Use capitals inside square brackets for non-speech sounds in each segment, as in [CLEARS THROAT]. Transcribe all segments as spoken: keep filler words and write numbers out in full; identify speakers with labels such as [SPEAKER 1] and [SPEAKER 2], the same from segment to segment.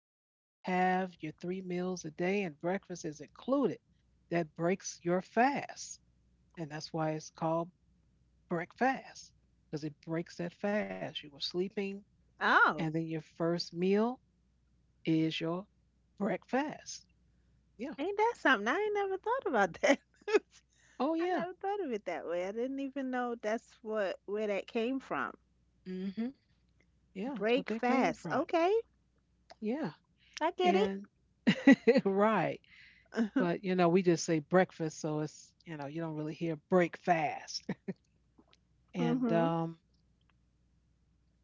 [SPEAKER 1] you have to have your three meals a day and breakfast is included. That breaks your fast. And that's why it's called break fast, because it breaks that fast. You were sleeping, and then
[SPEAKER 2] Oh,
[SPEAKER 1] your first meal is your breakfast. Yeah.
[SPEAKER 2] ain't that something? I ain't never thought about that. [LAUGHS]
[SPEAKER 1] Oh,
[SPEAKER 2] I
[SPEAKER 1] yeah.
[SPEAKER 2] never thought of it that way. I didn't even know that's what where that came from.
[SPEAKER 1] Hmm. Yeah, that's what they
[SPEAKER 2] Break
[SPEAKER 1] came from.
[SPEAKER 2] fast. Okay.
[SPEAKER 1] Yeah.
[SPEAKER 2] I get it.
[SPEAKER 1] And [LAUGHS] right. But,
[SPEAKER 2] [LAUGHS]
[SPEAKER 1] you know, we just say breakfast. So it's, you know, you don't really hear break fast. [LAUGHS] And
[SPEAKER 2] Mm-hmm.
[SPEAKER 1] um,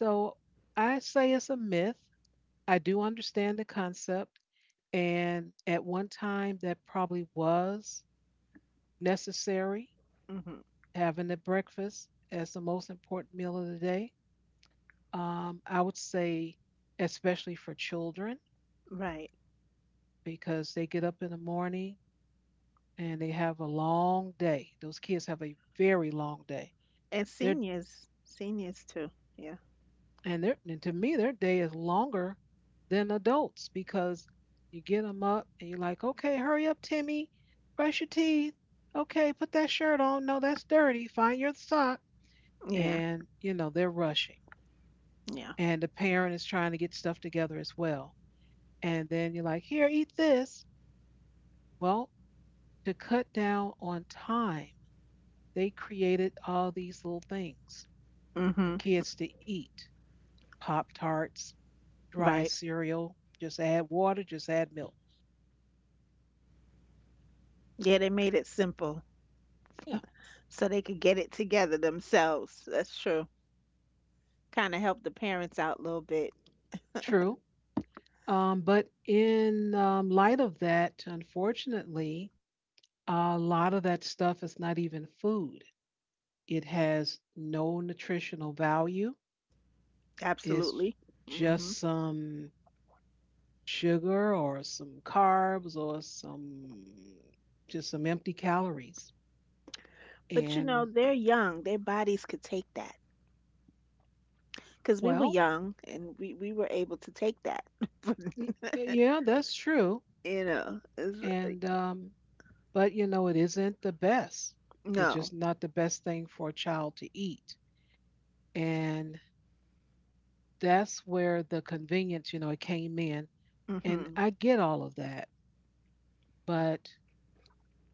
[SPEAKER 1] So I say it's a myth. I do understand the concept. And at one time, that probably was necessary,
[SPEAKER 2] Mm-hmm.
[SPEAKER 1] having a breakfast as the most important meal of the day. Um, I would say, especially for children,
[SPEAKER 2] Right.
[SPEAKER 1] because they get up in the morning and they have a long day. Those kids have a very long day.
[SPEAKER 2] And
[SPEAKER 1] They're
[SPEAKER 2] seniors. Seniors too. Yeah.
[SPEAKER 1] and their and to me, their day is longer than adults because you get them up and you're like, okay, hurry up, Timmy, brush your teeth. Okay, put that shirt on. No, that's dirty. Find your sock.
[SPEAKER 2] Yeah.
[SPEAKER 1] And, you know, they're rushing.
[SPEAKER 2] Yeah.
[SPEAKER 1] And the parent is trying to get stuff together as well. And then you're like, here, eat this. Well, to cut down on time, they created all these little things for
[SPEAKER 2] Mm-hmm.
[SPEAKER 1] kids to eat. Pop Tarts, dry
[SPEAKER 2] Right.
[SPEAKER 1] cereal, just add water, just add milk.
[SPEAKER 2] Yeah, they made it simple
[SPEAKER 1] Yeah,
[SPEAKER 2] so they could get it together themselves. That's true. Kind of help the parents out a little bit.
[SPEAKER 1] true. Um, but in um, light of that, unfortunately, a lot of that stuff is not even food. It has no nutritional value. It's
[SPEAKER 2] Absolutely.
[SPEAKER 1] just
[SPEAKER 2] Hmm.
[SPEAKER 1] some sugar or some carbs or some just some empty calories.
[SPEAKER 2] But you know,
[SPEAKER 1] And
[SPEAKER 2] they're young. Their bodies could take that. Because we
[SPEAKER 1] well,
[SPEAKER 2] were young and we, we were able to take that. [LAUGHS]
[SPEAKER 1] y-
[SPEAKER 2] But,
[SPEAKER 1] yeah, that's true.
[SPEAKER 2] you know, it's,
[SPEAKER 1] And um, but you know, it isn't the best. It's
[SPEAKER 2] no.
[SPEAKER 1] just not the best thing for a child to eat. And that's where the convenience, you know, it came in. And
[SPEAKER 2] Hmm.
[SPEAKER 1] I get all of that, but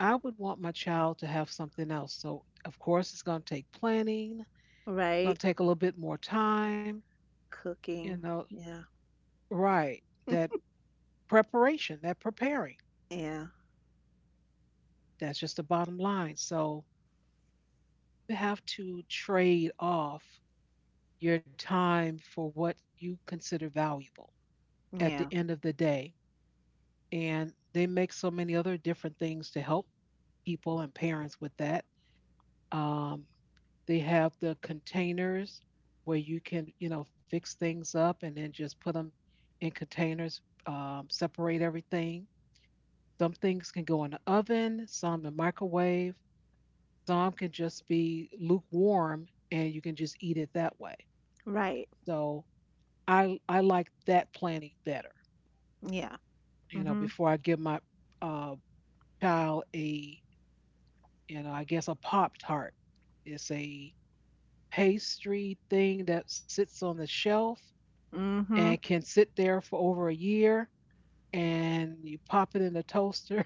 [SPEAKER 1] I would want my child to have something else. So, of course, it's going to take planning, it's
[SPEAKER 2] Right?
[SPEAKER 1] going to take a little bit more time, you
[SPEAKER 2] Cooking.
[SPEAKER 1] know,
[SPEAKER 2] Yeah.
[SPEAKER 1] right? That preparation, that preparing.
[SPEAKER 2] Yeah.
[SPEAKER 1] That's just the bottom line. So, you have to trade off your time for what you consider valuable at the
[SPEAKER 2] Yeah.
[SPEAKER 1] end of the day. And they make so many other different things to help people and parents with that. Um, they have the containers where you can, you know, fix things up and then just put them in containers, um, separate everything. Some things can go in the oven, some the microwave, some can just be lukewarm and you can just eat it that way.
[SPEAKER 2] Right.
[SPEAKER 1] So I I like that planning better,
[SPEAKER 2] Yeah.
[SPEAKER 1] you know,
[SPEAKER 2] Hmm.
[SPEAKER 1] before I give my uh, child a you know, I guess a Pop Tart. It's a pastry thing that sits on the shelf
[SPEAKER 2] Hmm.
[SPEAKER 1] and can sit there for over a year. And you pop it in the toaster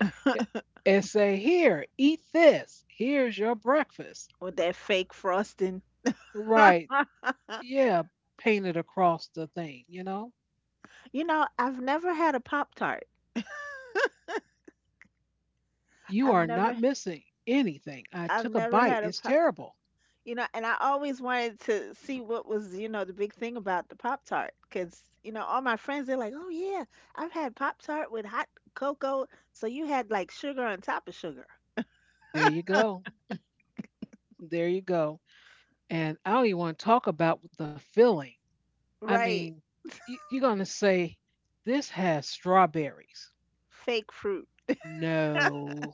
[SPEAKER 1] [LAUGHS] and say, "Here, eat this. Here's your breakfast."
[SPEAKER 2] With that fake frosting.
[SPEAKER 1] Right.
[SPEAKER 2] [LAUGHS]
[SPEAKER 1] Yeah. Painted across the thing, you know?
[SPEAKER 2] You know, I've never had a Pop Tart.
[SPEAKER 1] You
[SPEAKER 2] I've
[SPEAKER 1] are not
[SPEAKER 2] never
[SPEAKER 1] missing anything. I
[SPEAKER 2] I've
[SPEAKER 1] took a
[SPEAKER 2] never
[SPEAKER 1] bite.
[SPEAKER 2] had a
[SPEAKER 1] It's terrible.
[SPEAKER 2] You know, and I always wanted to see what was, you know, the big thing about the Pop Tart. Because, you know, all my friends, they're like, oh, yeah, I've had Pop Tart with hot cocoa. So you had like sugar on top of sugar.
[SPEAKER 1] There you go. There you go. And I don't even want to talk about the filling. I mean,
[SPEAKER 2] Right.
[SPEAKER 1] you, you're going to say, this has strawberries.
[SPEAKER 2] Fake fruit.
[SPEAKER 1] No,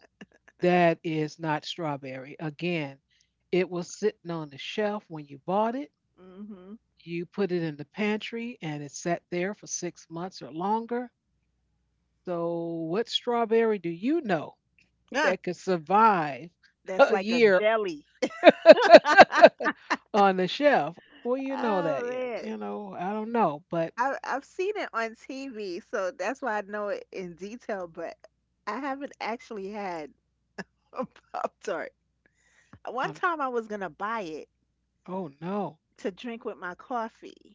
[SPEAKER 1] that is not strawberry. Again, it was sitting on the shelf when you bought it.
[SPEAKER 2] Mm-hmm.
[SPEAKER 1] You put it in the pantry and it sat there for six months or longer. So, what strawberry do you know [LAUGHS]
[SPEAKER 2] Yeah.
[SPEAKER 1] that could survive
[SPEAKER 2] That's
[SPEAKER 1] a
[SPEAKER 2] like a
[SPEAKER 1] year
[SPEAKER 2] jelly. [LAUGHS]
[SPEAKER 1] [LAUGHS] on the shelf? Well, you know that. y-
[SPEAKER 2] Oh,
[SPEAKER 1] You
[SPEAKER 2] man.
[SPEAKER 1] know, I don't know, but
[SPEAKER 2] I, I've seen it on T V. So that's why I know it in detail. But I haven't actually had a [LAUGHS] Pop Tart. One
[SPEAKER 1] I'm,
[SPEAKER 2] time I was going to buy it
[SPEAKER 1] oh no. [LAUGHS]
[SPEAKER 2] to drink with my coffee.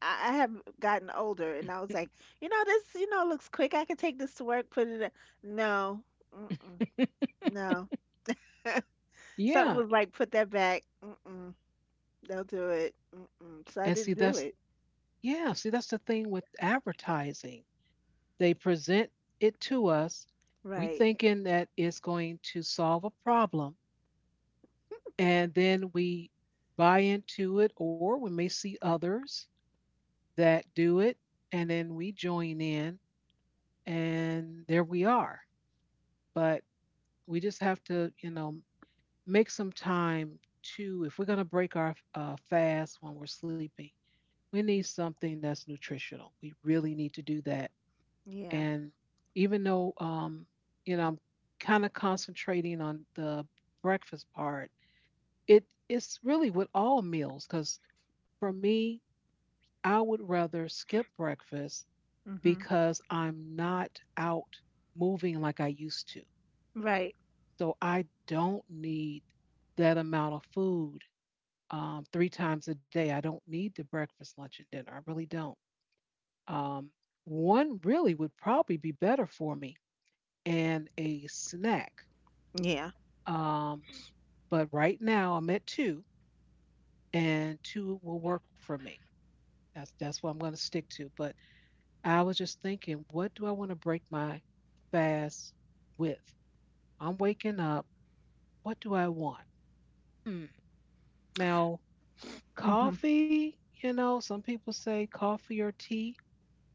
[SPEAKER 2] I I have gotten older, and I was like, you know, this, you know, looks quick. I could take this to work, put it. In. No, mm-mm, no. Something
[SPEAKER 1] Yeah.
[SPEAKER 2] was like, put that back. Mm-mm, don't do it. Mm-mm. So
[SPEAKER 1] And
[SPEAKER 2] I
[SPEAKER 1] see,
[SPEAKER 2] didn't do
[SPEAKER 1] that's
[SPEAKER 2] it.
[SPEAKER 1] yeah, see, that's the thing with advertising. They present it to us. We
[SPEAKER 2] Right.
[SPEAKER 1] thinking that it's going to solve a problem, and then we buy into it, or we may see others that do it, and then we join in, and there we are. But we just have to, you know, make some time to, if we're going to break our uh, fast when we're sleeping, we need something that's nutritional. We really need to do that.
[SPEAKER 2] Yeah.
[SPEAKER 1] And even though, um, you know, I'm kind of concentrating on the breakfast part, it it's really with all meals because for me, I would rather skip breakfast
[SPEAKER 2] Mhm.
[SPEAKER 1] because I'm not out moving like I used to.
[SPEAKER 2] Right.
[SPEAKER 1] So I don't need that amount of food um, three times a day. I don't need the breakfast, lunch, and dinner. I really don't. Um, one really would probably be better for me and a snack.
[SPEAKER 2] Yeah.
[SPEAKER 1] Um, but right now I'm at two, and two will work for me. That's that's what I'm going to stick to. But I was just thinking, what do I want to break my fast with? I'm waking up. What do I want? Hmm. Now,
[SPEAKER 2] Hmm.
[SPEAKER 1] coffee. You know, some people say coffee or tea.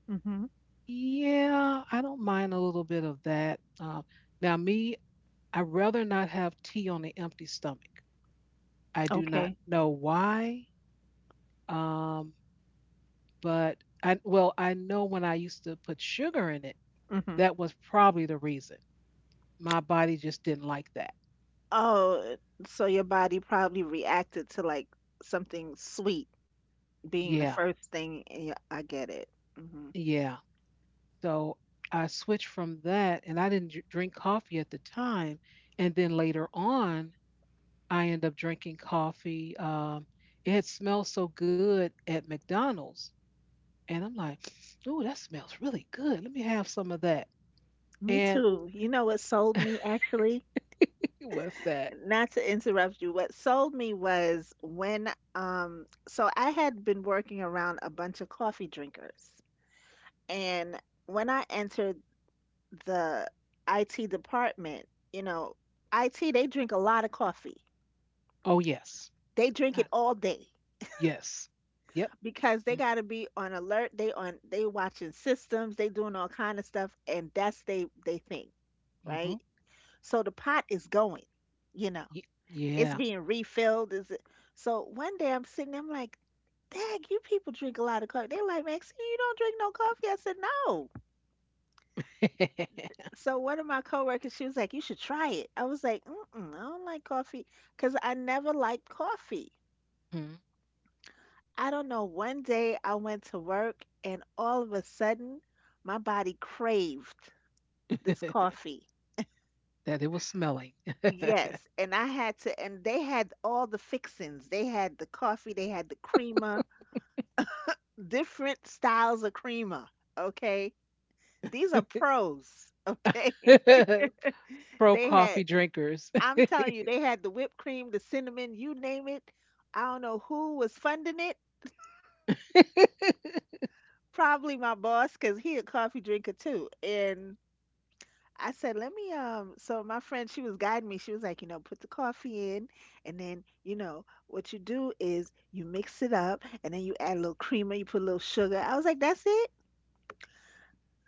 [SPEAKER 2] Mhm.
[SPEAKER 1] Yeah, I don't mind a little bit of that. Uh, now, me, I rather not have tea on an empty stomach. I do not
[SPEAKER 2] Okay.
[SPEAKER 1] know why. Um, But I well, I know when I used to put sugar in it,
[SPEAKER 2] Mhm.
[SPEAKER 1] that was probably the reason. My body just didn't like that.
[SPEAKER 2] Oh, so your body probably reacted to like something sweet being the
[SPEAKER 1] Yeah,
[SPEAKER 2] first thing. And yeah, I get it. Hmm.
[SPEAKER 1] yeah. So I switched from that, and I didn't dr- drink coffee at the time. And then later on, I ended up drinking coffee. Um, it had smelled so good at McDonald's, and I'm like, "Ooh, that smells really good. Let me have some of that."
[SPEAKER 2] Me
[SPEAKER 1] And
[SPEAKER 2] too. You know what sold me actually?
[SPEAKER 1] what's that?
[SPEAKER 2] Not to interrupt you, what sold me was when, um, so I had been working around a bunch of coffee drinkers. And when I entered the I T department, you know, I T, they drink a lot of coffee.
[SPEAKER 1] Oh yes,
[SPEAKER 2] They drink it
[SPEAKER 1] I,
[SPEAKER 2] all day
[SPEAKER 1] yes, yep.
[SPEAKER 2] because they got to be on alert. They on, they watching systems, they doing all kind of stuff, and that's they they thing, right?
[SPEAKER 1] Mm-hmm.
[SPEAKER 2] So the pot is going, you know.
[SPEAKER 1] Y-
[SPEAKER 2] It's
[SPEAKER 1] yeah.
[SPEAKER 2] being refilled. Is it? So one day I'm sitting, there, I'm like, "Dag, you people drink a lot of coffee." They're like, "Maxine, you don't drink no coffee." I said, "No."
[SPEAKER 1] [LAUGHS]
[SPEAKER 2] So one of my coworkers, she was like, "You should try it." I was like, Mm-mm, "I don't like coffee because I never liked coffee."
[SPEAKER 1] Mhm.
[SPEAKER 2] I don't know. One day I went to work, and all of a sudden, my body craved this
[SPEAKER 1] [LAUGHS]
[SPEAKER 2] coffee.
[SPEAKER 1] that it was smelling.
[SPEAKER 2] Yes, and I had to, and they had all the fixings. They had the coffee, they had the creamer, different styles of creamer, okay? These are pros, okay? [LAUGHS]
[SPEAKER 1] [LAUGHS] Pro
[SPEAKER 2] They had,
[SPEAKER 1] coffee drinkers.
[SPEAKER 2] I'm telling you, they had the whipped cream, the cinnamon, you name it. I don't know who was funding it.
[SPEAKER 1] [LAUGHS]
[SPEAKER 2] Probably my boss, because he a coffee drinker too. And I said, let me, um, so my friend, she was guiding me. She was like, you know, put the coffee in, and then, you know, what you do is you mix it up, and then you add a little creamer, you put a little sugar. I was like, that's it?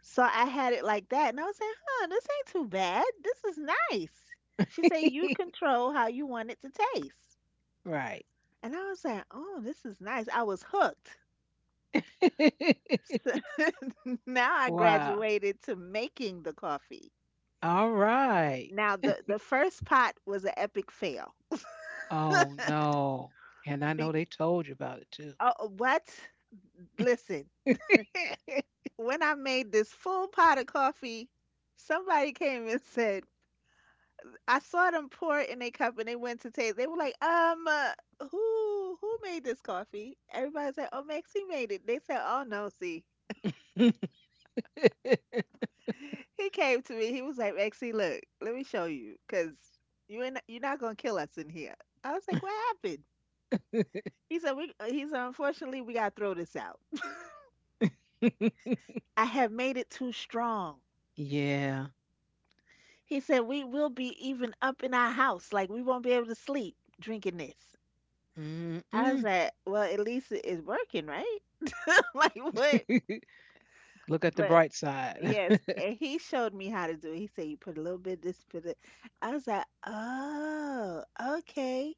[SPEAKER 2] So I had it like that, and I was like, "Huh, this ain't too bad. This is nice." She said, "You control how you want it to taste,"
[SPEAKER 1] right.
[SPEAKER 2] and I was like, "Oh, this is nice." I was hooked. So
[SPEAKER 1] [LAUGHS]
[SPEAKER 2] [LAUGHS] now I
[SPEAKER 1] Wow.
[SPEAKER 2] graduated to making the coffee.
[SPEAKER 1] All right.
[SPEAKER 2] Now the the first pot was an epic fail.
[SPEAKER 1] Oh, no. And I
[SPEAKER 2] Big,
[SPEAKER 1] know they told you about it too.
[SPEAKER 2] oh, what? Listen, when I made this full pot of coffee, somebody came and said, I saw them pour it in a cup and they went to taste. They were like, um, uh, who who made this coffee? Everybody said, oh, Maxie made it. They said, oh no, see,
[SPEAKER 1] [LAUGHS]
[SPEAKER 2] he came to me. He was like, Maxie, look, let me show you, cause you ain't you're not gonna kill us in here. I was like, what happened? He said, we. He said, unfortunately, we gotta throw this out. I have made it too strong.
[SPEAKER 1] yeah.
[SPEAKER 2] He said, we will be even up in our house, like we won't be able to sleep drinking this. I was
[SPEAKER 1] Mm-mm.
[SPEAKER 2] like, well, at least it is working, right? [LAUGHS] Like what?
[SPEAKER 1] [LAUGHS] Look at the
[SPEAKER 2] But
[SPEAKER 1] bright side.
[SPEAKER 2] yes,
[SPEAKER 1] [LAUGHS]
[SPEAKER 2] and he showed me how to do it. He said, "You put a little bit of this, put it." I was like, "Oh, okay."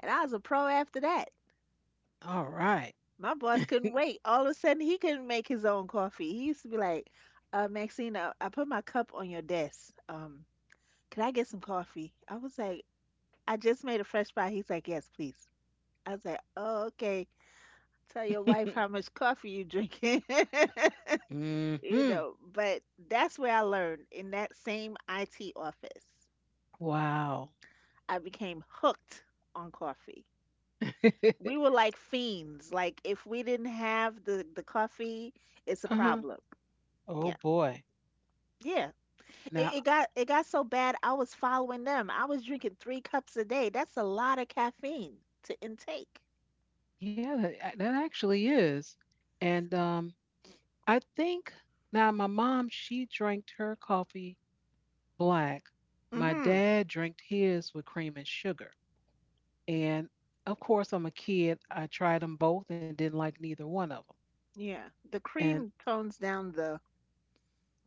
[SPEAKER 2] And I was a pro after that.
[SPEAKER 1] All right.
[SPEAKER 2] My boss couldn't wait. All of a sudden, he couldn't make his own coffee. He used to be like, uh, "Maxine, I, I put my cup on your desk. Um, can I get some coffee?" I was like, "I just made a fresh pie." He's like, "Yes, please." I was like, "Oh, okay. Tell your wife
[SPEAKER 1] [LAUGHS]
[SPEAKER 2] how much coffee you drinking." [LAUGHS] you
[SPEAKER 1] Mhm.
[SPEAKER 2] know, but that's where I learned in that same I T office.
[SPEAKER 1] Wow.
[SPEAKER 2] I became hooked on coffee. We were
[SPEAKER 1] [LAUGHS]
[SPEAKER 2] like fiends. Like if we didn't have the the coffee, it's a
[SPEAKER 1] Uh-huh.
[SPEAKER 2] problem.
[SPEAKER 1] Oh
[SPEAKER 2] Yeah.
[SPEAKER 1] boy.
[SPEAKER 2] Yeah. It,
[SPEAKER 1] Now,
[SPEAKER 2] it got it got so bad I was following them. I was drinking three cups a day. That's a lot of caffeine to intake.
[SPEAKER 1] yeah, that, that actually is. And um, I think now my mom, she drank her coffee black. My
[SPEAKER 2] Mhm.
[SPEAKER 1] dad drank his with cream and sugar. And of course, I'm a kid. I tried them both and didn't like neither one of them.
[SPEAKER 2] Yeah. The
[SPEAKER 1] And
[SPEAKER 2] cream tones down the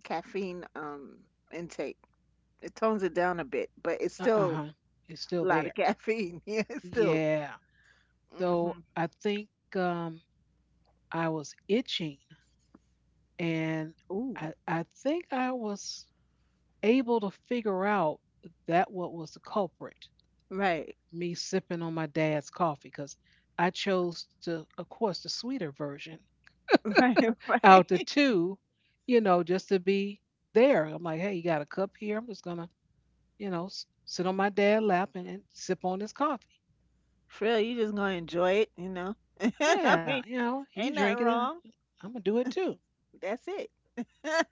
[SPEAKER 2] caffeine um intake. It tones it down a bit, but it's
[SPEAKER 1] uh
[SPEAKER 2] still
[SPEAKER 1] huh, it's still
[SPEAKER 2] a lot
[SPEAKER 1] there.
[SPEAKER 2] of caffeine. [LAUGHS] Yeah, still.
[SPEAKER 1] Yeah. So
[SPEAKER 2] Hmm.
[SPEAKER 1] I think um, I was itching and
[SPEAKER 2] Ooh,
[SPEAKER 1] I, I think I was able to figure out that what was the culprit,
[SPEAKER 2] right,
[SPEAKER 1] me sipping on my dad's coffee, because I chose to, of course, the sweeter version
[SPEAKER 2] [LAUGHS] right,
[SPEAKER 1] out the
[SPEAKER 2] right.
[SPEAKER 1] two, you know, just to be there. I'm like, hey, you got a cup here? I'm just gonna, you know, s- sit on my dad's lap and, and sip on his coffee.
[SPEAKER 2] For real, you just gonna enjoy it, you know. [LAUGHS] I
[SPEAKER 1] Yeah, you
[SPEAKER 2] mean,
[SPEAKER 1] know, he
[SPEAKER 2] ain't nothing
[SPEAKER 1] drinking it.
[SPEAKER 2] wrong.
[SPEAKER 1] I'm gonna do it too.
[SPEAKER 2] That's it. [LAUGHS]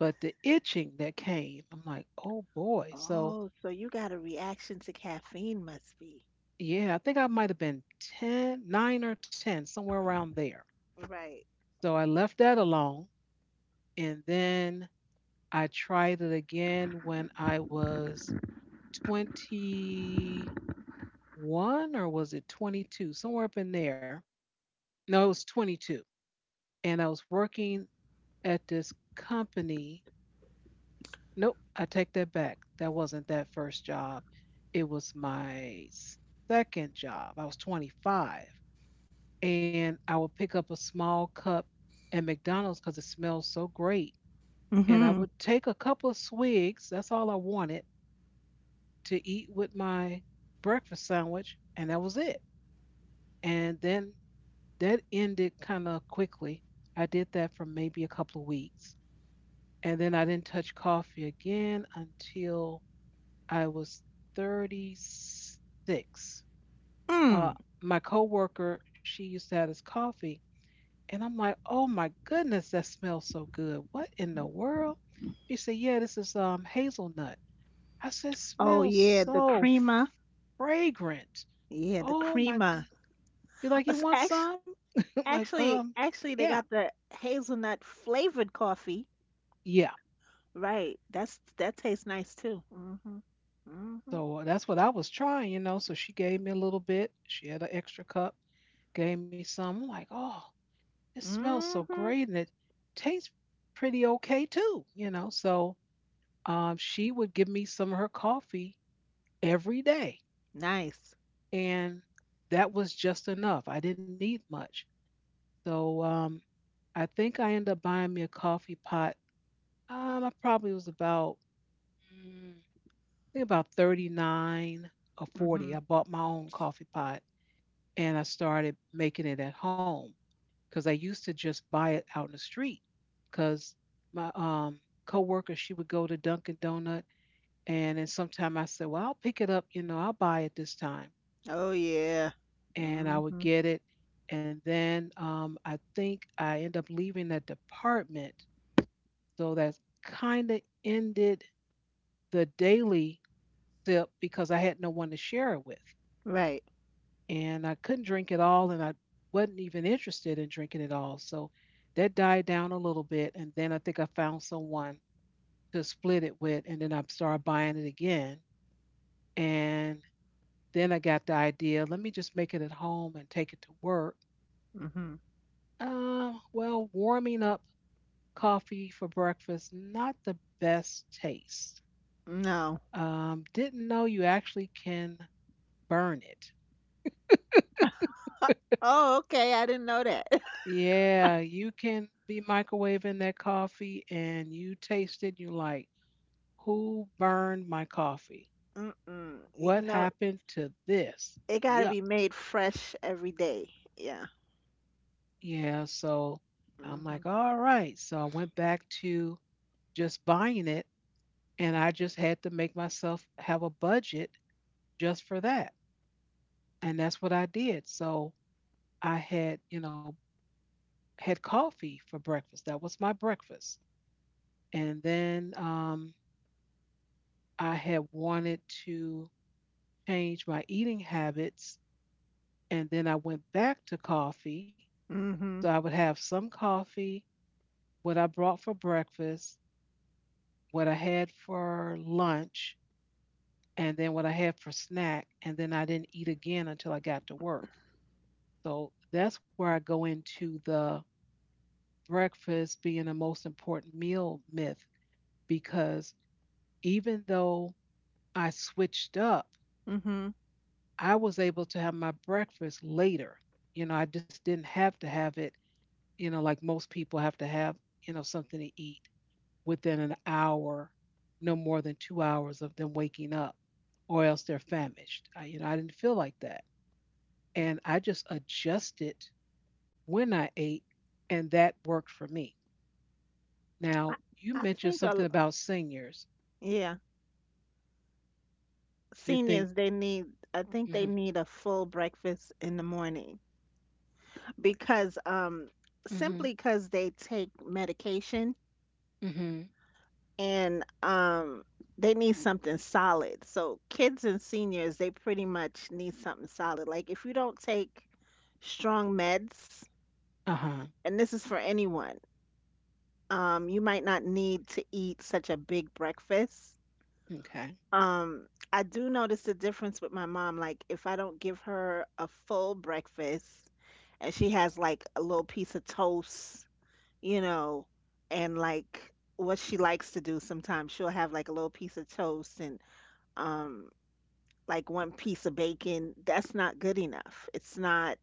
[SPEAKER 1] But the itching that came, I'm like, oh boy. So
[SPEAKER 2] Oh, so you got a reaction to caffeine, must be.
[SPEAKER 1] yeah, I think I might have been ten, nine or ten, somewhere around there.
[SPEAKER 2] Right.
[SPEAKER 1] So I left that alone. And then I tried it again when I was twenty-one, or was it twenty-two? Somewhere up in there. No, it was twenty-two. And I was working at this company. Nope, I take that back. That wasn't that first job. It was my second job. I was twenty-five and I would pick up a small cup at McDonald's because it smells so great. And I
[SPEAKER 2] Mm-hmm.
[SPEAKER 1] would take a couple of swigs, that's all I wanted to eat with my breakfast sandwich, and that was it. And then that ended kind of quickly. I did that for maybe a couple of weeks. And then I didn't touch coffee again until I was thirty-six. Uh,
[SPEAKER 2] Mm.
[SPEAKER 1] my coworker, she used to have this coffee. And I'm like, oh my goodness, that smells so good. What in the world? She said, yeah, this is um, hazelnut. I said,
[SPEAKER 2] Oh
[SPEAKER 1] smells
[SPEAKER 2] yeah, the
[SPEAKER 1] so
[SPEAKER 2] crema.
[SPEAKER 1] f- fragrant.
[SPEAKER 2] Yeah, the
[SPEAKER 1] Oh my. g-
[SPEAKER 2] crema.
[SPEAKER 1] She like, you want
[SPEAKER 2] Actually,
[SPEAKER 1] some? [LAUGHS] I'm like,
[SPEAKER 2] actually,
[SPEAKER 1] um,
[SPEAKER 2] actually, they
[SPEAKER 1] yeah,
[SPEAKER 2] got the hazelnut flavored coffee.
[SPEAKER 1] yeah.
[SPEAKER 2] Right. That's that tastes nice too. Mm. Mhm. Mhm.
[SPEAKER 1] So uh, that's what I was trying, you know. So she gave me a little bit. She had an extra cup, gave me some. I'm like, oh, it smells
[SPEAKER 2] Mm.
[SPEAKER 1] so
[SPEAKER 2] Mhm.
[SPEAKER 1] great and it tastes pretty okay too, you know. So um, she would give me some of her coffee every day
[SPEAKER 2] Nice.
[SPEAKER 1] and that was just enough. I didn't need much. So um, I think I ended up buying me a coffee pot. Um, I probably was about, mm, I think about thirty-nine or
[SPEAKER 2] Mm.
[SPEAKER 1] forty.
[SPEAKER 2] Mhm.
[SPEAKER 1] I bought my own coffee pot and I started making it at home because I used to just buy it out in the street because my um, coworker, she would go to Dunkin' Donut and then sometime I said, well, I'll pick it up, you know, I'll buy it this time.
[SPEAKER 2] Oh yeah.
[SPEAKER 1] And I
[SPEAKER 2] Mm.
[SPEAKER 1] would
[SPEAKER 2] Mhm.
[SPEAKER 1] get it. And then um, I think I end up leaving that department. So that's kind of ended the daily sip because I had no one to share it with.
[SPEAKER 2] Right.
[SPEAKER 1] And I couldn't drink it all, and I wasn't even interested in drinking it all. So that died down a little bit. And then I think I found someone to split it with, and then I started buying it again. And then I got the idea, let me just make it at home and take it to work.
[SPEAKER 2] Mm. Mhm.
[SPEAKER 1] Uh, well, warming up coffee for breakfast, not the best taste.
[SPEAKER 2] No.
[SPEAKER 1] Um, didn't know you actually can burn it.
[SPEAKER 2] Oh, okay. I didn't know that. [LAUGHS]
[SPEAKER 1] Yeah, you can be microwaving that coffee and you taste it, you like, who burned my coffee?
[SPEAKER 2] Mm-mm. Y-
[SPEAKER 1] What
[SPEAKER 2] No,
[SPEAKER 1] happened to this?
[SPEAKER 2] it got to
[SPEAKER 1] Yup.
[SPEAKER 2] be made fresh every day. Yeah.
[SPEAKER 1] Yeah, so I'm
[SPEAKER 2] Mm. Mhm.
[SPEAKER 1] like, all right. So I went back to just buying it, and I just had to make myself have a budget just for that. And that's what I did. So I had, you know, had coffee for breakfast. That was my breakfast. And then um, I had wanted to change my eating habits. And then I went back to coffee.
[SPEAKER 2] Mm.
[SPEAKER 1] So I
[SPEAKER 2] Mhm.
[SPEAKER 1] would have some coffee, what I brought for breakfast, what I had for lunch, and then what I had for snack. And then I didn't eat again until I got to work. So that's where I go into the breakfast being the most important meal myth, because even though I switched up,
[SPEAKER 2] Mm. Mhm.
[SPEAKER 1] I was able to have my breakfast later. You know, I just didn't have to have it, you know, like most people have to have, you know, something to eat within an hour, no more than two hours of them waking up, or else they're famished. I, you know, I didn't feel like that. And I just adjusted when I ate, and that worked for me.
[SPEAKER 2] I,
[SPEAKER 1] Now, you
[SPEAKER 2] I
[SPEAKER 1] mentioned
[SPEAKER 2] think a l-
[SPEAKER 1] something about seniors.
[SPEAKER 2] yeah,
[SPEAKER 1] You
[SPEAKER 2] seniors
[SPEAKER 1] think,
[SPEAKER 2] they need I think they
[SPEAKER 1] mm hmm,
[SPEAKER 2] need a full breakfast in the morning, because um
[SPEAKER 1] mm hmm,
[SPEAKER 2] simply cuz they take medication,
[SPEAKER 1] mm hmm,
[SPEAKER 2] and um they need something solid. So kids and seniors, they pretty much need something solid. Like if you don't take strong meds,
[SPEAKER 1] uh huh,
[SPEAKER 2] and this is for anyone, um, you might not need to eat such a big breakfast.
[SPEAKER 1] okay.
[SPEAKER 2] Um, I do notice the difference with my mom. Like if I don't give her a full breakfast and she has like a little piece of toast, you know, and like what she likes to do sometimes, she'll have like a little piece of toast, and um like one piece of bacon, that's not good enough. it's not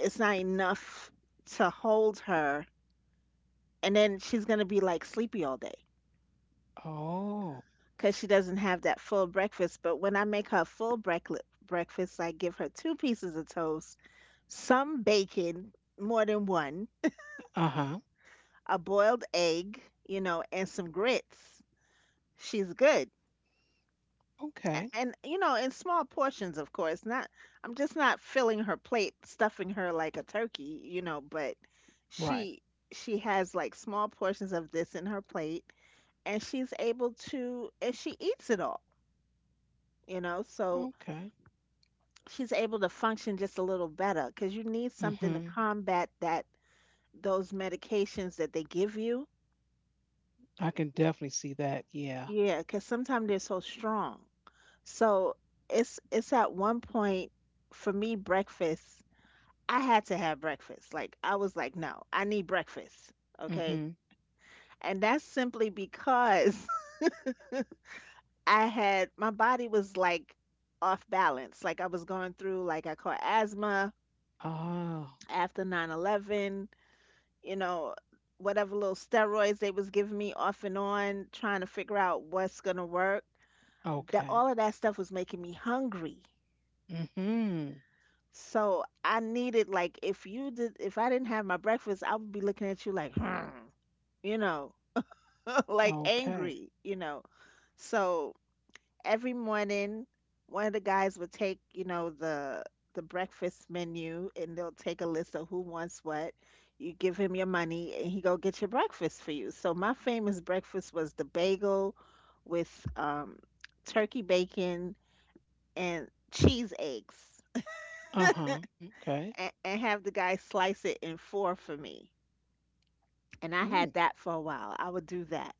[SPEAKER 2] it's not enough to hold her, and then she's going to be like sleepy all day
[SPEAKER 1] Oh,
[SPEAKER 2] cuz she doesn't have that full breakfast. But when I make her full breakfast breakfast, I give her two pieces of toast, some bacon, more than one,
[SPEAKER 1] uh-huh.
[SPEAKER 2] a boiled egg you know and some grits. She's good. A-
[SPEAKER 1] Okay.
[SPEAKER 2] and you know, in small portions, of course not. I'm just not filling her plate, stuffing her like a turkey you know but
[SPEAKER 1] Right.
[SPEAKER 2] she she has like small portions of this in her plate, and she's able to and she eats it all you know so
[SPEAKER 1] Okay.
[SPEAKER 2] she's able to function just a little better, because you need something to
[SPEAKER 1] Mm-hmm.
[SPEAKER 2] combat that, those medications that they give you.
[SPEAKER 1] I can definitely see that. Yeah.
[SPEAKER 2] Yeah, because sometimes they're so strong, so it's it's at one point for me breakfast I had to have breakfast. Like, I was like, no, I need breakfast. Okay.
[SPEAKER 1] Mm-hmm.
[SPEAKER 2] And that's simply because [LAUGHS] I had my body was like off balance. Like, I was going through, like, I caught asthma
[SPEAKER 1] Ah,
[SPEAKER 2] after nine eleven. you know, Whatever little steroids they was giving me off and on, trying to figure out what's going to work. That all
[SPEAKER 1] okay.
[SPEAKER 2] of that stuff was making me hungry.
[SPEAKER 1] Mm-hmm.
[SPEAKER 2] So I needed like if you did if I didn't have my breakfast, I would be looking at you like, hmm, you know. Like
[SPEAKER 1] Okay.
[SPEAKER 2] angry, you know. So every morning, one of the guys would take, you know, the the breakfast menu and they'll take a list of who wants what. You give him your money and he go get your breakfast for you. So my famous breakfast was the bagel with um, turkey bacon and cheese eggs
[SPEAKER 1] Uh-huh. Okay.
[SPEAKER 2] and, and, have the guy slice it in four for me. And I
[SPEAKER 1] Mm.
[SPEAKER 2] had that for a while. I would do that.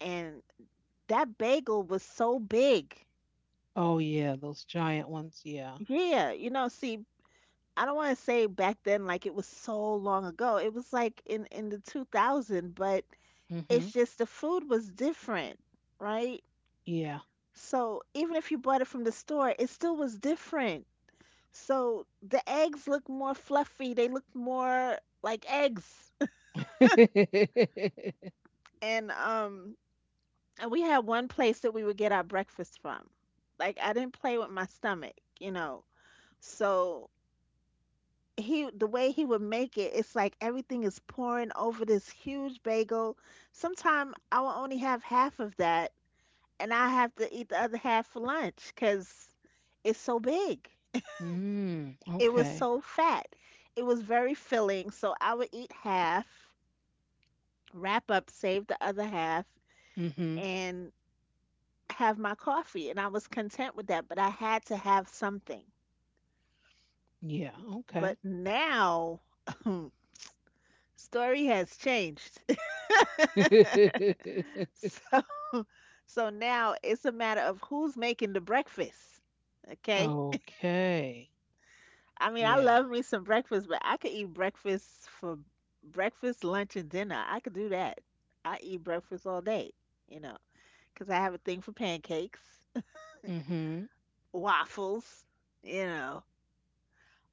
[SPEAKER 2] And that bagel was so big.
[SPEAKER 1] Oh yeah, those giant ones. Yeah.
[SPEAKER 2] Yeah, you know, see, I don't want to say back then like it was so long ago. It was like in in the two thousand, but it's
[SPEAKER 1] Mm-hmm.
[SPEAKER 2] just the food was different, right?
[SPEAKER 1] Yeah.
[SPEAKER 2] So even if you bought it from the store, it still was different. So the eggs looked more fluffy. They looked more like eggs. [LAUGHS]
[SPEAKER 1] [LAUGHS]
[SPEAKER 2] And um and we had one place that we would get our breakfast from. Like I didn't play with my stomach, you know. So he the way he would make it, it's like everything is pouring over this huge bagel. Sometimes I will only have half of that, and I have to eat the other half for lunch because it's so big.
[SPEAKER 1] Mm.
[SPEAKER 2] It was
[SPEAKER 1] Okay.
[SPEAKER 2] so fat. It was very filling, so I would eat half, wrap up, save the other half,
[SPEAKER 1] Mm-hmm.
[SPEAKER 2] and have my coffee. And I was content with that, but I had to have something.
[SPEAKER 1] Yeah.
[SPEAKER 2] But
[SPEAKER 1] Okay.
[SPEAKER 2] now, [LAUGHS] [CLEARS THROAT] story has changed. [LAUGHS]
[SPEAKER 1] [LAUGHS]
[SPEAKER 2] So. So now it's a matter of who's making the breakfast. Okay.
[SPEAKER 1] Okay.
[SPEAKER 2] I mean, I
[SPEAKER 1] Yeah.
[SPEAKER 2] love me some breakfast, but I could eat breakfast for breakfast, lunch, and dinner. I could do that. I eat breakfast all day, you know, because I have a thing for pancakes,
[SPEAKER 1] Mm-hmm.
[SPEAKER 2] [LAUGHS] waffles, you know.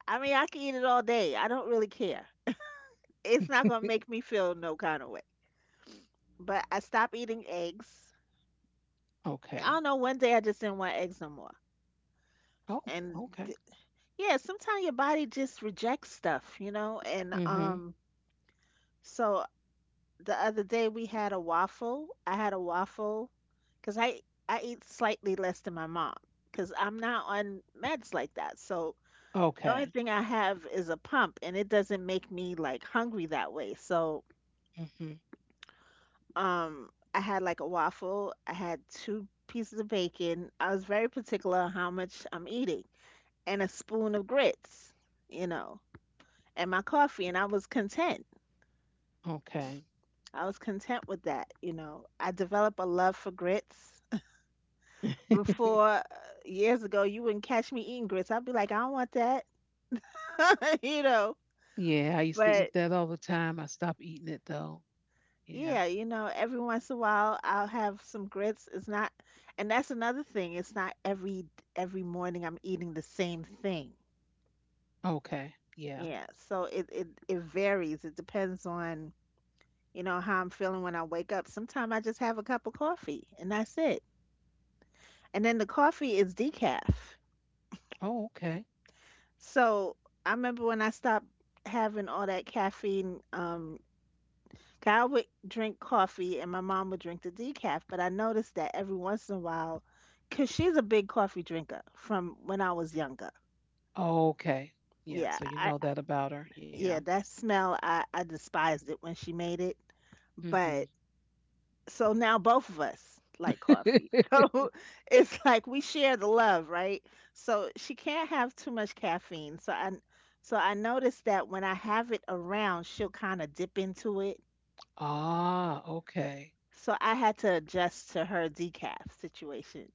[SPEAKER 2] I mean, I can eat it all day. I don't really care. It's not going to
[SPEAKER 1] [LAUGHS]
[SPEAKER 2] make me feel no kind of way. But I stopped eating eggs. I
[SPEAKER 1] Okay.
[SPEAKER 2] don't know. One day I just didn't want eggs no more.
[SPEAKER 1] Oh,
[SPEAKER 2] And
[SPEAKER 1] okay.
[SPEAKER 2] yeah, sometimes your body just rejects stuff, you know? And
[SPEAKER 1] Mm-hmm.
[SPEAKER 2] um so the other day we had a waffle. I had a waffle cuz I I eat slightly less than my mom cuz I'm not on meds like that. So the only
[SPEAKER 1] Okay.
[SPEAKER 2] thing I have is a pump and it doesn't make me like hungry that way. So
[SPEAKER 1] Mm-hmm.
[SPEAKER 2] um I had like a waffle, I had two pieces of bacon. I was very particular on how much I'm eating and a spoon of grits, you know, and my coffee and I was content.
[SPEAKER 1] Okay.
[SPEAKER 2] I was content with that, you know. I developed a love for grits. Before
[SPEAKER 1] [LAUGHS]
[SPEAKER 2] uh, years ago, you wouldn't catch me eating grits. I'd be like, I don't want that, [LAUGHS] you know.
[SPEAKER 1] Yeah, I used to eat
[SPEAKER 2] But
[SPEAKER 1] that all the time. I stopped eating it though. Yeah.
[SPEAKER 2] yeah, you know, every once in a while, I'll have some grits. It's not, and that's another thing. It's not every every morning I'm eating the same thing.
[SPEAKER 1] Okay. Yeah.
[SPEAKER 2] Yeah, so it it it varies. It depends on, you know, how I'm feeling when I wake up. Sometimes I just have a cup of coffee and that's it. And then the coffee is decaf.
[SPEAKER 1] Oh, okay.
[SPEAKER 2] So I remember when I stopped having all that caffeine, um, 'cause I would drink coffee and my mom would drink the decaf, but I noticed that every once in a while, 'cause she's a big coffee drinker from when I was younger.
[SPEAKER 1] Okay. Yeah.
[SPEAKER 2] Yeah,
[SPEAKER 1] So you
[SPEAKER 2] I
[SPEAKER 1] know that about her. Yeah.
[SPEAKER 2] yeah, that smell I, I despised it when she made it.
[SPEAKER 1] Mm-hmm.
[SPEAKER 2] But so now both of us like coffee. [LAUGHS]
[SPEAKER 1] [LAUGHS]
[SPEAKER 2] So it's like we share the love, right? So she can't have too much caffeine. So I so I noticed that when I have it around, she'll kind of dip into it.
[SPEAKER 1] ah, okay.
[SPEAKER 2] So I had to adjust to her decaf situation.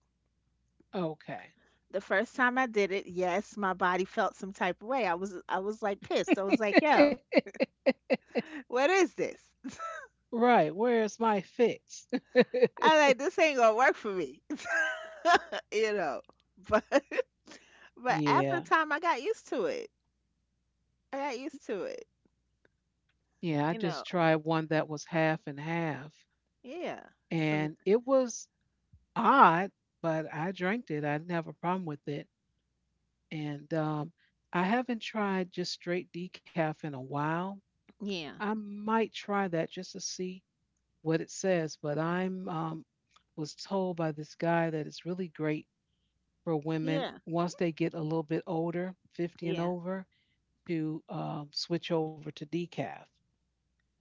[SPEAKER 1] Okay.
[SPEAKER 2] The first time I did it, yes, my body felt some type of way. I was I was like pissed. I was like, "Yo,
[SPEAKER 1] [LAUGHS]
[SPEAKER 2] what is this?"
[SPEAKER 1] right. Where's my fix?
[SPEAKER 2] I like this ain't gonna work for me, [LAUGHS] you know. But [LAUGHS] but after
[SPEAKER 1] [LAUGHS] yeah.
[SPEAKER 2] time, I got used to it. I got used to it.
[SPEAKER 1] Yeah. I
[SPEAKER 2] You
[SPEAKER 1] just
[SPEAKER 2] know,
[SPEAKER 1] tried one that was half and half.
[SPEAKER 2] yeah. So n-
[SPEAKER 1] And it was odd, but I drank it. I didn't have a problem with it. And um, I haven't tried just straight decaf in a while.
[SPEAKER 2] yeah,
[SPEAKER 1] I might try that just to see what it says, but I'm um, was told by this guy that it's really great for women
[SPEAKER 2] yeah,
[SPEAKER 1] once they get a little bit older, fifty and
[SPEAKER 2] yeah.
[SPEAKER 1] over, to um, switch over to decaf.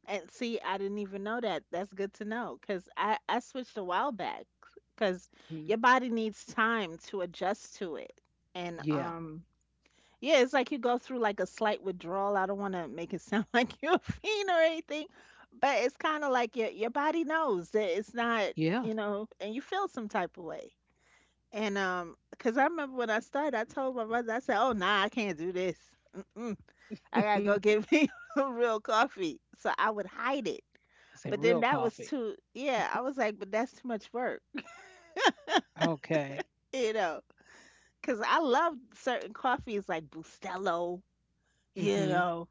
[SPEAKER 2] And see, I didn't even know that. That's good to know because I I switched a while back because your
[SPEAKER 1] Mhm.
[SPEAKER 2] body needs time to adjust to it. And
[SPEAKER 1] Yeah,
[SPEAKER 2] um, yeah, it's like you go through like a slight withdrawal. I don't want to make it sound [LAUGHS] like you're a fiend or anything, but it's kind of like your your body knows that it's not,
[SPEAKER 1] yeah.
[SPEAKER 2] you know, and you feel some type of way. And, um, cause I remember when I started, I told my mother, I said, "Oh, nah, I can't do this. Mm-mm. I gotta go
[SPEAKER 1] [LAUGHS]
[SPEAKER 2] get me [LAUGHS] some real coffee." So I would hide it.
[SPEAKER 1] It's a
[SPEAKER 2] But then
[SPEAKER 1] real
[SPEAKER 2] that was
[SPEAKER 1] coffee.
[SPEAKER 2] too, yeah, I was like, "But that's too much work,"
[SPEAKER 1] Okay.
[SPEAKER 2] [LAUGHS] you know." Cause I loved certain coffees like Bustelo, you
[SPEAKER 1] Mm-hmm.
[SPEAKER 2] know,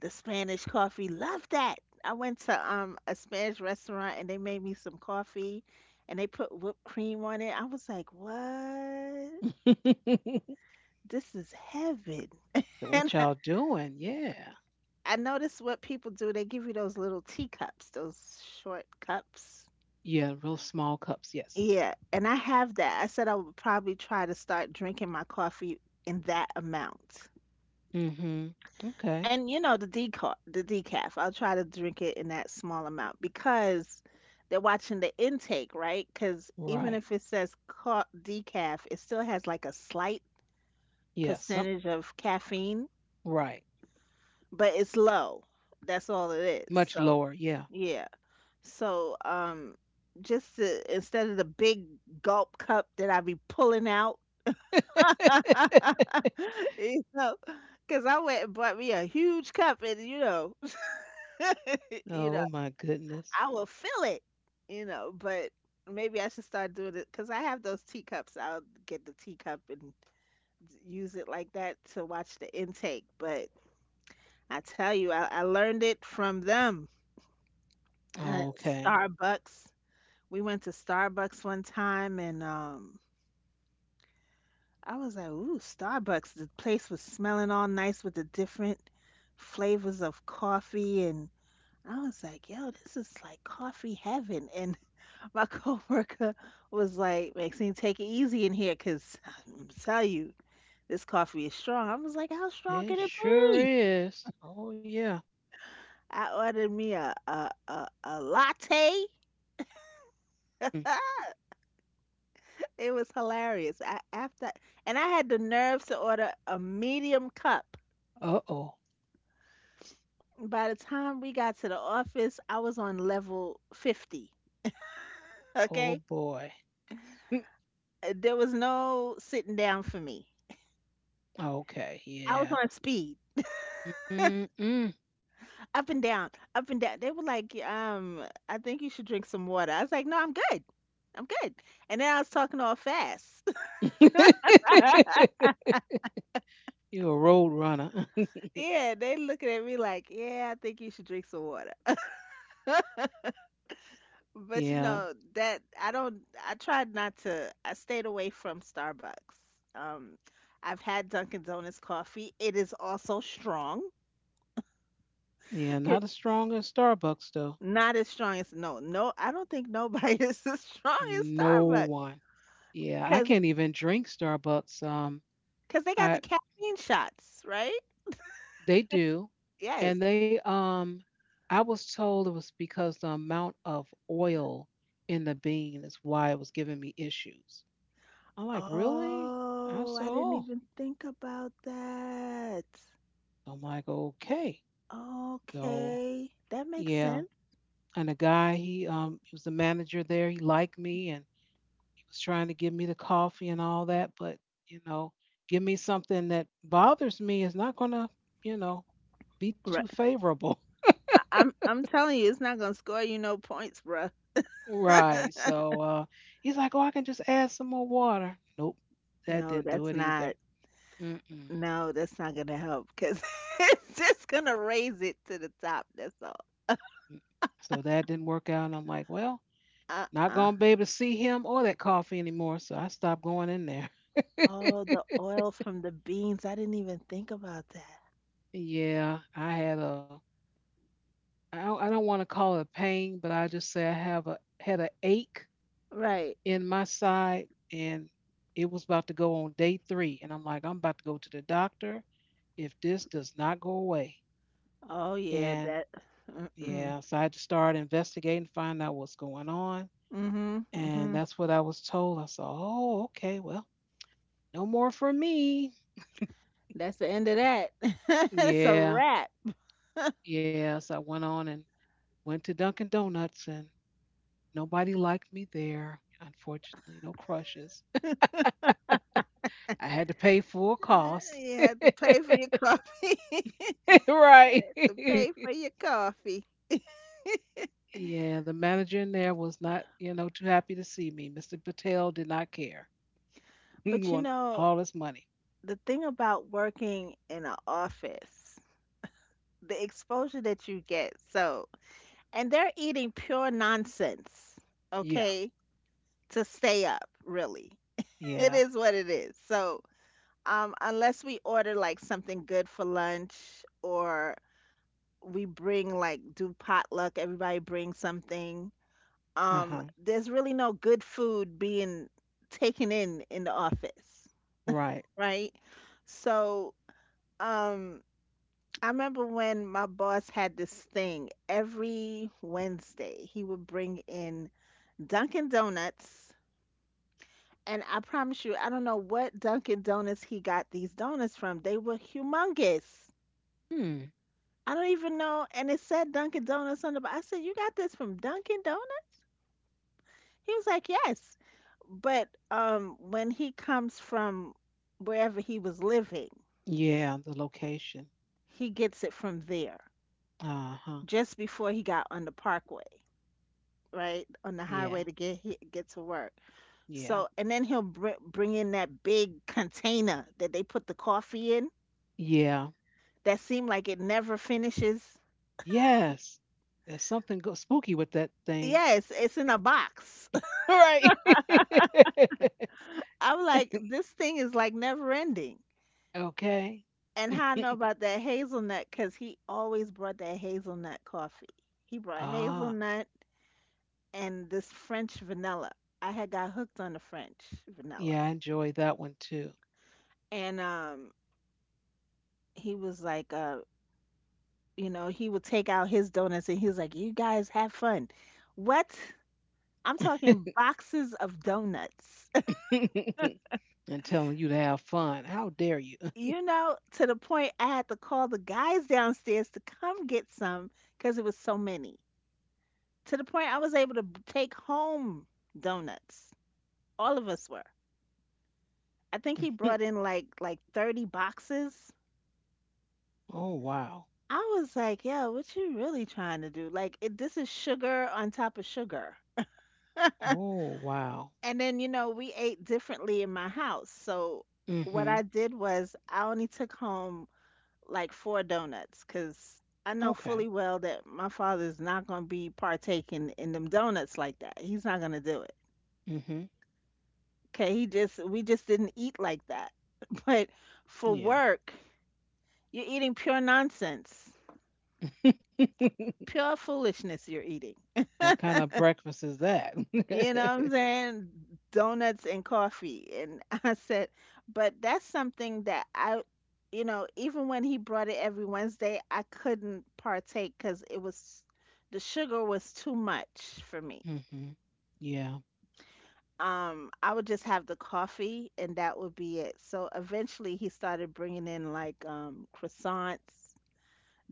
[SPEAKER 2] the Spanish coffee. Love that. I went to um a Spanish restaurant and they made me some coffee, and they put whipped cream on it. I was like, "What?
[SPEAKER 1] [LAUGHS] So
[SPEAKER 2] This is heaven." [LAUGHS] And
[SPEAKER 1] what y'all doing? Yeah.
[SPEAKER 2] I notice what people do. They give you those little teacups, those short cups.
[SPEAKER 1] Yeah, real small cups. Yes.
[SPEAKER 2] Yeah, and I have that. I said I would probably try to start drinking my coffee in that amount.
[SPEAKER 1] Mm-hmm. Okay.
[SPEAKER 2] And you know, the decaf, the decaf, I'll try to drink it in that small amount because they're watching the intake, right? Because even
[SPEAKER 1] Right.
[SPEAKER 2] if it says ca- decaf, it still has like a slight
[SPEAKER 1] Yeah. Some.
[SPEAKER 2] percentage of caffeine,
[SPEAKER 1] Right.
[SPEAKER 2] but it's low. That's all it is.
[SPEAKER 1] Much
[SPEAKER 2] So,
[SPEAKER 1] lower. Yeah.
[SPEAKER 2] yeah. So, um, just to, instead of the big gulp cup that I be pulling out, [LAUGHS]
[SPEAKER 1] [LAUGHS]
[SPEAKER 2] you know, because I went and bought me a huge cup, and you know, [LAUGHS] you
[SPEAKER 1] Oh
[SPEAKER 2] know,
[SPEAKER 1] my goodness.
[SPEAKER 2] I will fill it, you know. But maybe I should start doing it because I have those teacups. I'll get the teacup and use it like that to watch the intake. But I tell you, I, I learned it from them. Uh,
[SPEAKER 1] Okay.
[SPEAKER 2] Starbucks. We went to Starbucks one time, and um, I was like, ooh, Starbucks. The place was smelling all nice with the different flavors of coffee. And I was like, yo, this is like coffee heaven. And [LAUGHS] my coworker was like, Maxine, take it easy in here, 'cause I'm tell you, this coffee is strong. I was like, how strong
[SPEAKER 1] It
[SPEAKER 2] can it
[SPEAKER 1] sure
[SPEAKER 2] be?
[SPEAKER 1] is. Oh yeah.
[SPEAKER 2] I ordered me a, a, a, a latte. [LAUGHS] It was hilarious. I, after, and I had the nerves to order a medium cup.
[SPEAKER 1] Uh oh.
[SPEAKER 2] By the time we got to the office, I was on level fifty.
[SPEAKER 1] Oh
[SPEAKER 2] Okay?
[SPEAKER 1] boy. Mm.
[SPEAKER 2] Uh, there was no sitting down for me.
[SPEAKER 1] Okay.
[SPEAKER 2] I was
[SPEAKER 1] Yeah.
[SPEAKER 2] on speed,
[SPEAKER 1] Mm-mm.
[SPEAKER 2] up and down, up and down. They were like, um, I think you should drink some water. I was like, no, I'm good. I'm good. And then I was talking all fast. [LAUGHS]
[SPEAKER 1] [LAUGHS] You're a road runner.
[SPEAKER 2] Yeah, they looking at me like, yeah, I think you should drink some water.
[SPEAKER 1] [LAUGHS]
[SPEAKER 2] But you
[SPEAKER 1] yeah.
[SPEAKER 2] know, that I don't, I tried not to, I stayed away from Starbucks. Um, I've had Dunkin' Donuts coffee. It is also strong.
[SPEAKER 1] Yeah. Not as strong as Starbucks though.
[SPEAKER 2] Not as strong as no, no. I don't think nobody [LAUGHS] is as strong as
[SPEAKER 1] No
[SPEAKER 2] Starbucks
[SPEAKER 1] one. Yeah. I
[SPEAKER 2] because
[SPEAKER 1] can't even drink Starbucks. Um.
[SPEAKER 2] because they got
[SPEAKER 1] I
[SPEAKER 2] the caffeine shots, right?
[SPEAKER 1] They do. And
[SPEAKER 2] Yes.
[SPEAKER 1] they um I was told it was because the amount of oil in the bean is why it was giving me issues. I'm like, really? I
[SPEAKER 2] Oh,
[SPEAKER 1] said,
[SPEAKER 2] I didn't
[SPEAKER 1] oh.
[SPEAKER 2] even think about that.
[SPEAKER 1] I'm like, okay. So
[SPEAKER 2] Okay, that makes
[SPEAKER 1] yeah.
[SPEAKER 2] sense.
[SPEAKER 1] And the guy, he um he was the manager there, he liked me, and he was trying to give me the coffee and all that, but you know, give me something that bothers me is not gonna, you know, be too
[SPEAKER 2] Right.
[SPEAKER 1] favorable.
[SPEAKER 2] I, I'm I'm telling you, it's not gonna score you no points, bruh. [LAUGHS]
[SPEAKER 1] Right. So uh, he's like, "Oh, I can just add some more water." Nope, that
[SPEAKER 2] No,
[SPEAKER 1] didn't do
[SPEAKER 2] that's
[SPEAKER 1] it either.
[SPEAKER 2] not.
[SPEAKER 1] Mm-mm. Mm.
[SPEAKER 2] No, that's not gonna help because [LAUGHS] it's just gonna raise it to the top. That's all.
[SPEAKER 1] So that didn't work out, and I'm like, "Well,
[SPEAKER 2] Uh
[SPEAKER 1] not
[SPEAKER 2] uh.
[SPEAKER 1] gonna be able to see him or that coffee anymore." So I stopped going in there.
[SPEAKER 2] Oh, the
[SPEAKER 1] [LAUGHS]
[SPEAKER 2] oil from the beans. I didn't even think about that.
[SPEAKER 1] Yeah, I had a. I don't, I don't want to call it a pain, but I just say I have a had a ache
[SPEAKER 2] Right.
[SPEAKER 1] in my side, and it was about to go on day three, and I'm like, I'm about to go to the doctor if this does not go away.
[SPEAKER 2] Oh yeah,
[SPEAKER 1] And
[SPEAKER 2] that.
[SPEAKER 1] yeah,
[SPEAKER 2] Mm-mm.
[SPEAKER 1] so I had to start investigating, find out what's going on.
[SPEAKER 2] Mhm.
[SPEAKER 1] And
[SPEAKER 2] Mhm.
[SPEAKER 1] that's what I was told. I said, oh, okay, well, no more for me.
[SPEAKER 2] That's the end of that. [LAUGHS] It's a
[SPEAKER 1] Yeah,
[SPEAKER 2] wrap.
[SPEAKER 1] yeah. So I went on and went to Dunkin' Donuts, and nobody liked me there, unfortunately. No crushes. I had to pay full
[SPEAKER 2] Uh,
[SPEAKER 1] cost.
[SPEAKER 2] You have to pay for your coffee. [LAUGHS]
[SPEAKER 1] [LAUGHS]
[SPEAKER 2] You
[SPEAKER 1] right.
[SPEAKER 2] have to pay
[SPEAKER 1] [LAUGHS]
[SPEAKER 2] for your coffee.
[SPEAKER 1] yeah, the manager in there was not, you know, too happy to see me. mister Patel did not care. [LAUGHS] He
[SPEAKER 2] But you
[SPEAKER 1] wanted
[SPEAKER 2] know,
[SPEAKER 1] all his money.
[SPEAKER 2] the thing about working in an office, the exposure that you get. So, and they're eating pure nonsense,
[SPEAKER 1] Yeah,
[SPEAKER 2] okay, to stay up, really. It
[SPEAKER 1] yeah.
[SPEAKER 2] is what it is. So, um, unless we order like something good for lunch or we bring like do potluck, everybody brings something.
[SPEAKER 1] Uh huh.
[SPEAKER 2] Um, there's really no good food being taken in in the office,
[SPEAKER 1] Right.
[SPEAKER 2] right? So, um, I remember when my boss had this thing every Wednesday, he would bring in Dunkin' Donuts. And I promise you, I don't know what Dunkin' Donuts he got these donuts from. They were humongous.
[SPEAKER 1] Hmm.
[SPEAKER 2] I don't even know. And it said Dunkin' Donuts on the box. I said, "You got this from Dunkin' Donuts?" He was like, "Yes." But um, when he comes from wherever he was living,
[SPEAKER 1] Yeah, the location.
[SPEAKER 2] he gets it from there
[SPEAKER 1] Uh-huh.
[SPEAKER 2] just before he got on the parkway, right? On the highway
[SPEAKER 1] Yeah.
[SPEAKER 2] to get he, get to work.
[SPEAKER 1] Yeah.
[SPEAKER 2] So, and then he'll br- bring in that big container that they put the coffee in
[SPEAKER 1] Yeah.
[SPEAKER 2] that seem like it never finishes.
[SPEAKER 1] Yes. There's something go- spooky with that thing. [LAUGHS]
[SPEAKER 2] Yes, it's in a box.
[SPEAKER 1] Right.
[SPEAKER 2] [LAUGHS] I'm like,
[SPEAKER 1] [LAUGHS]
[SPEAKER 2] this thing is like never ending.
[SPEAKER 1] okay.
[SPEAKER 2] And how I know
[SPEAKER 1] [LAUGHS]
[SPEAKER 2] about that hazelnut, because he always brought that hazelnut coffee. He brought
[SPEAKER 1] Ah,
[SPEAKER 2] hazelnut and this French vanilla. I had got hooked on the French vanilla.
[SPEAKER 1] yeah, I enjoy that one too.
[SPEAKER 2] And um, he was like, uh, you know, he would take out his donuts and he was like, you guys have fun. What? I'm
[SPEAKER 1] [LAUGHS]
[SPEAKER 2] talking boxes of donuts.
[SPEAKER 1] And telling you to have fun. How dare you?
[SPEAKER 2] You know, to the point I had to call the guys downstairs to come get some because it was so many. To the point I was able to b- take home donuts. All of us were. I think he brought
[SPEAKER 1] [LAUGHS]
[SPEAKER 2] in like like thirty boxes.
[SPEAKER 1] oh, wow.
[SPEAKER 2] I was like, yo, what you really trying to do? Like, it, this is sugar on top of sugar.
[SPEAKER 1] Oh, wow.
[SPEAKER 2] And then, you know, we ate differently in my house. So what
[SPEAKER 1] Mhm.
[SPEAKER 2] I did was I only took home like four donuts because I know
[SPEAKER 1] Okay.
[SPEAKER 2] fully well that my father's not going to be partaking in them donuts like that. He's not going to do it.
[SPEAKER 1] Mhm.
[SPEAKER 2] Okay, he just we just didn't eat like that. [LAUGHS] But for
[SPEAKER 1] Yeah.
[SPEAKER 2] work, you're eating pure nonsense,
[SPEAKER 1] [LAUGHS]
[SPEAKER 2] pure foolishness you're eating.
[SPEAKER 1] What kind of breakfast is that?
[SPEAKER 2] You know what I'm saying? Donuts and coffee. And [LAUGHS] I said, but that's something that I, you know, even when he brought it every Wednesday, I couldn't partake because it was, the sugar was too much for
[SPEAKER 1] [LAUGHS]
[SPEAKER 2] me.
[SPEAKER 1] mhm. Yeah.
[SPEAKER 2] Um, I would just have the coffee and that would be it. So eventually he started bringing in like um, croissants,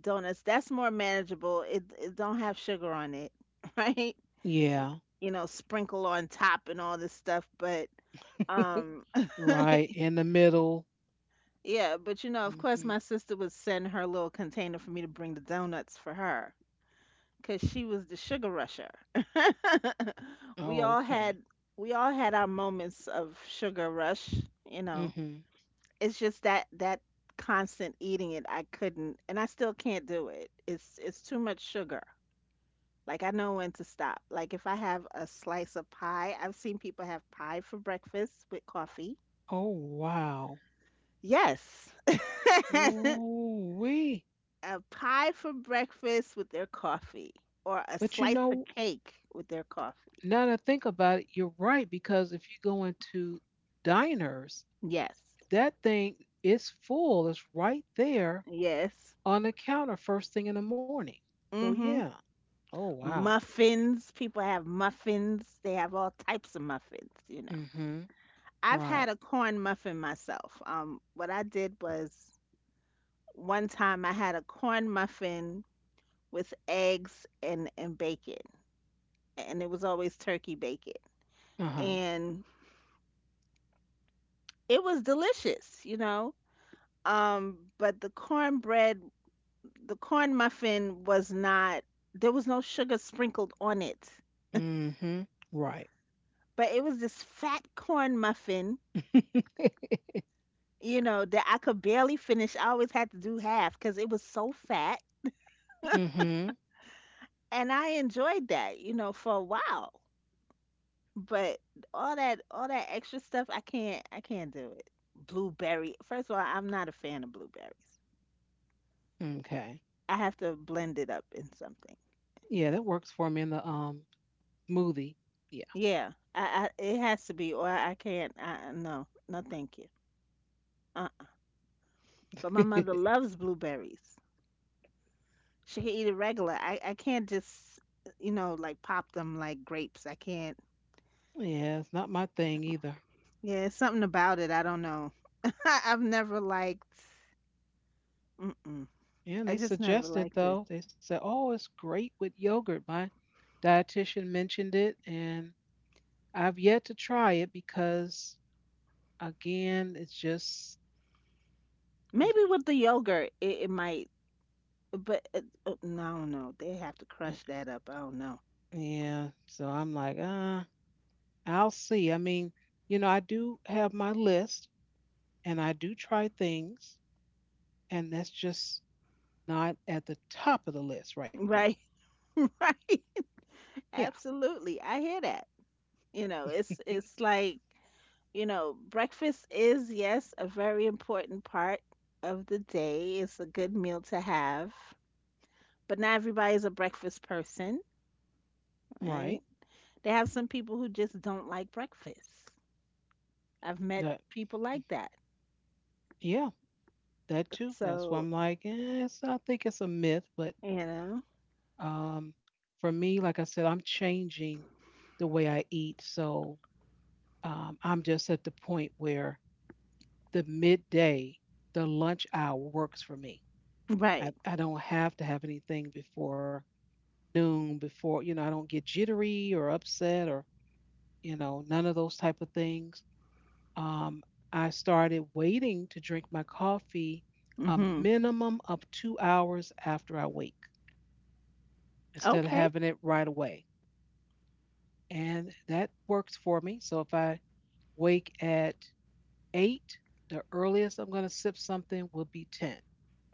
[SPEAKER 2] donuts. That's more manageable. It, it don't have sugar on it, [LAUGHS] right?
[SPEAKER 1] Yeah.
[SPEAKER 2] You know, sprinkle on top and all this stuff, but
[SPEAKER 1] [LAUGHS]
[SPEAKER 2] Um, [LAUGHS]
[SPEAKER 1] Right in the middle.
[SPEAKER 2] yeah, but you know, of course,
[SPEAKER 1] Hmm.
[SPEAKER 2] my sister would send her little container for me to bring the donuts for her because she was the sugar rusher. [LAUGHS] we
[SPEAKER 1] Oh,
[SPEAKER 2] all had
[SPEAKER 1] okay.
[SPEAKER 2] we all had our moments of sugar rush. You know,
[SPEAKER 1] Hmm.
[SPEAKER 2] it's just that that constant eating it, I couldn't, and I still can't do it. It's it's too much sugar. Like I know when to stop. Like if I have a slice of pie, I've seen people have pie for breakfast with coffee.
[SPEAKER 1] Oh, wow.
[SPEAKER 2] Yes. [LAUGHS]
[SPEAKER 1] Ooh, wee.
[SPEAKER 2] A pie for breakfast with their coffee or a
[SPEAKER 1] But you
[SPEAKER 2] slice
[SPEAKER 1] know,
[SPEAKER 2] of cake with their coffee.
[SPEAKER 1] now that I think about it, you're right because if you go into diners,
[SPEAKER 2] Yes.
[SPEAKER 1] that thing is full. It's right there
[SPEAKER 2] Yes.
[SPEAKER 1] on the counter first thing in the morning. So
[SPEAKER 2] Mm-hmm.
[SPEAKER 1] yeah. Oh, wow.
[SPEAKER 2] Muffins. People have muffins. They have all types of muffins, you know.
[SPEAKER 1] Mm-hmm.
[SPEAKER 2] I've had
[SPEAKER 1] Right.
[SPEAKER 2] a corn muffin myself. Um, what I did was one time I had a corn muffin with eggs and, and bacon, and it was always turkey bacon.
[SPEAKER 1] Uh-huh.
[SPEAKER 2] And it was delicious, you know. Um, but the cornbread the corn muffin was not there was no sugar sprinkled on it,
[SPEAKER 1] Mm-hmm. Right.
[SPEAKER 2] but it was this fat corn muffin,
[SPEAKER 1] [LAUGHS]
[SPEAKER 2] you know, that I could barely finish. I always had to do half because it was so fat,
[SPEAKER 1] mm-hmm.
[SPEAKER 2] and I enjoyed that, you know, for a while. But all that all that extra stuff, i can't i can't do it. Blueberry, first of all, I'm not a fan of blueberries.
[SPEAKER 1] Okay.
[SPEAKER 2] I have to blend it up in something.
[SPEAKER 1] Yeah, that works for me in the um smoothie. Yeah.
[SPEAKER 2] Yeah, i, I it has to be, or I can't. I, no, no, thank you. Uh-uh. But my mother
[SPEAKER 1] [LAUGHS]
[SPEAKER 2] loves blueberries. She can eat it regular. I, I can't just, you know, like pop them like grapes. I can't.
[SPEAKER 1] Yeah, it's not my thing either.
[SPEAKER 2] Yeah, it's something about it. I don't know. [LAUGHS] I've never liked. Mm-mm.
[SPEAKER 1] Yeah,
[SPEAKER 2] I
[SPEAKER 1] they
[SPEAKER 2] just never
[SPEAKER 1] suggested
[SPEAKER 2] liked it.
[SPEAKER 1] though. They said, "Oh, it's great with yogurt." My dietitian mentioned it, and I've yet to try it because, again, it's just it.
[SPEAKER 2] Maybe with the yogurt, it, it might. But uh, uh, no, I don't know. They have to
[SPEAKER 1] Eh.
[SPEAKER 2] crush that up. I don't know.
[SPEAKER 1] Yeah, so I'm like, uh, I'll see. I mean, you know, I do have my list, and I do try things, and that's just not at the top of the list right now.
[SPEAKER 2] Right, [LAUGHS] right.
[SPEAKER 1] Yeah,
[SPEAKER 2] Absolutely. I hear that. You know, it's it's like. You know, breakfast is, yes, a very important part of the day. It's a good meal to have, but not everybody's a breakfast person,
[SPEAKER 1] right.
[SPEAKER 2] right? They have some people who just don't like breakfast. I've met people like that.
[SPEAKER 1] Yeah, that too. That's why I'm
[SPEAKER 2] So,
[SPEAKER 1] like, eh, it's, I think it's a myth, but
[SPEAKER 2] you know,
[SPEAKER 1] um, for me, like I said, I'm changing the way I eat. So um, I'm just at the point where the midday, the lunch hour works for me. I,
[SPEAKER 2] right.
[SPEAKER 1] I don't have to have anything before noon, before, you know, I don't get jittery or upset or, you know, none of those type of things. Um, I started waiting to drink my coffee a
[SPEAKER 2] Mm-hmm.
[SPEAKER 1] minimum of two hours after I wake instead of
[SPEAKER 2] Okay.
[SPEAKER 1] having it right away. And that works for me. So if I wake at eight, the earliest I'm going to sip something will be ten.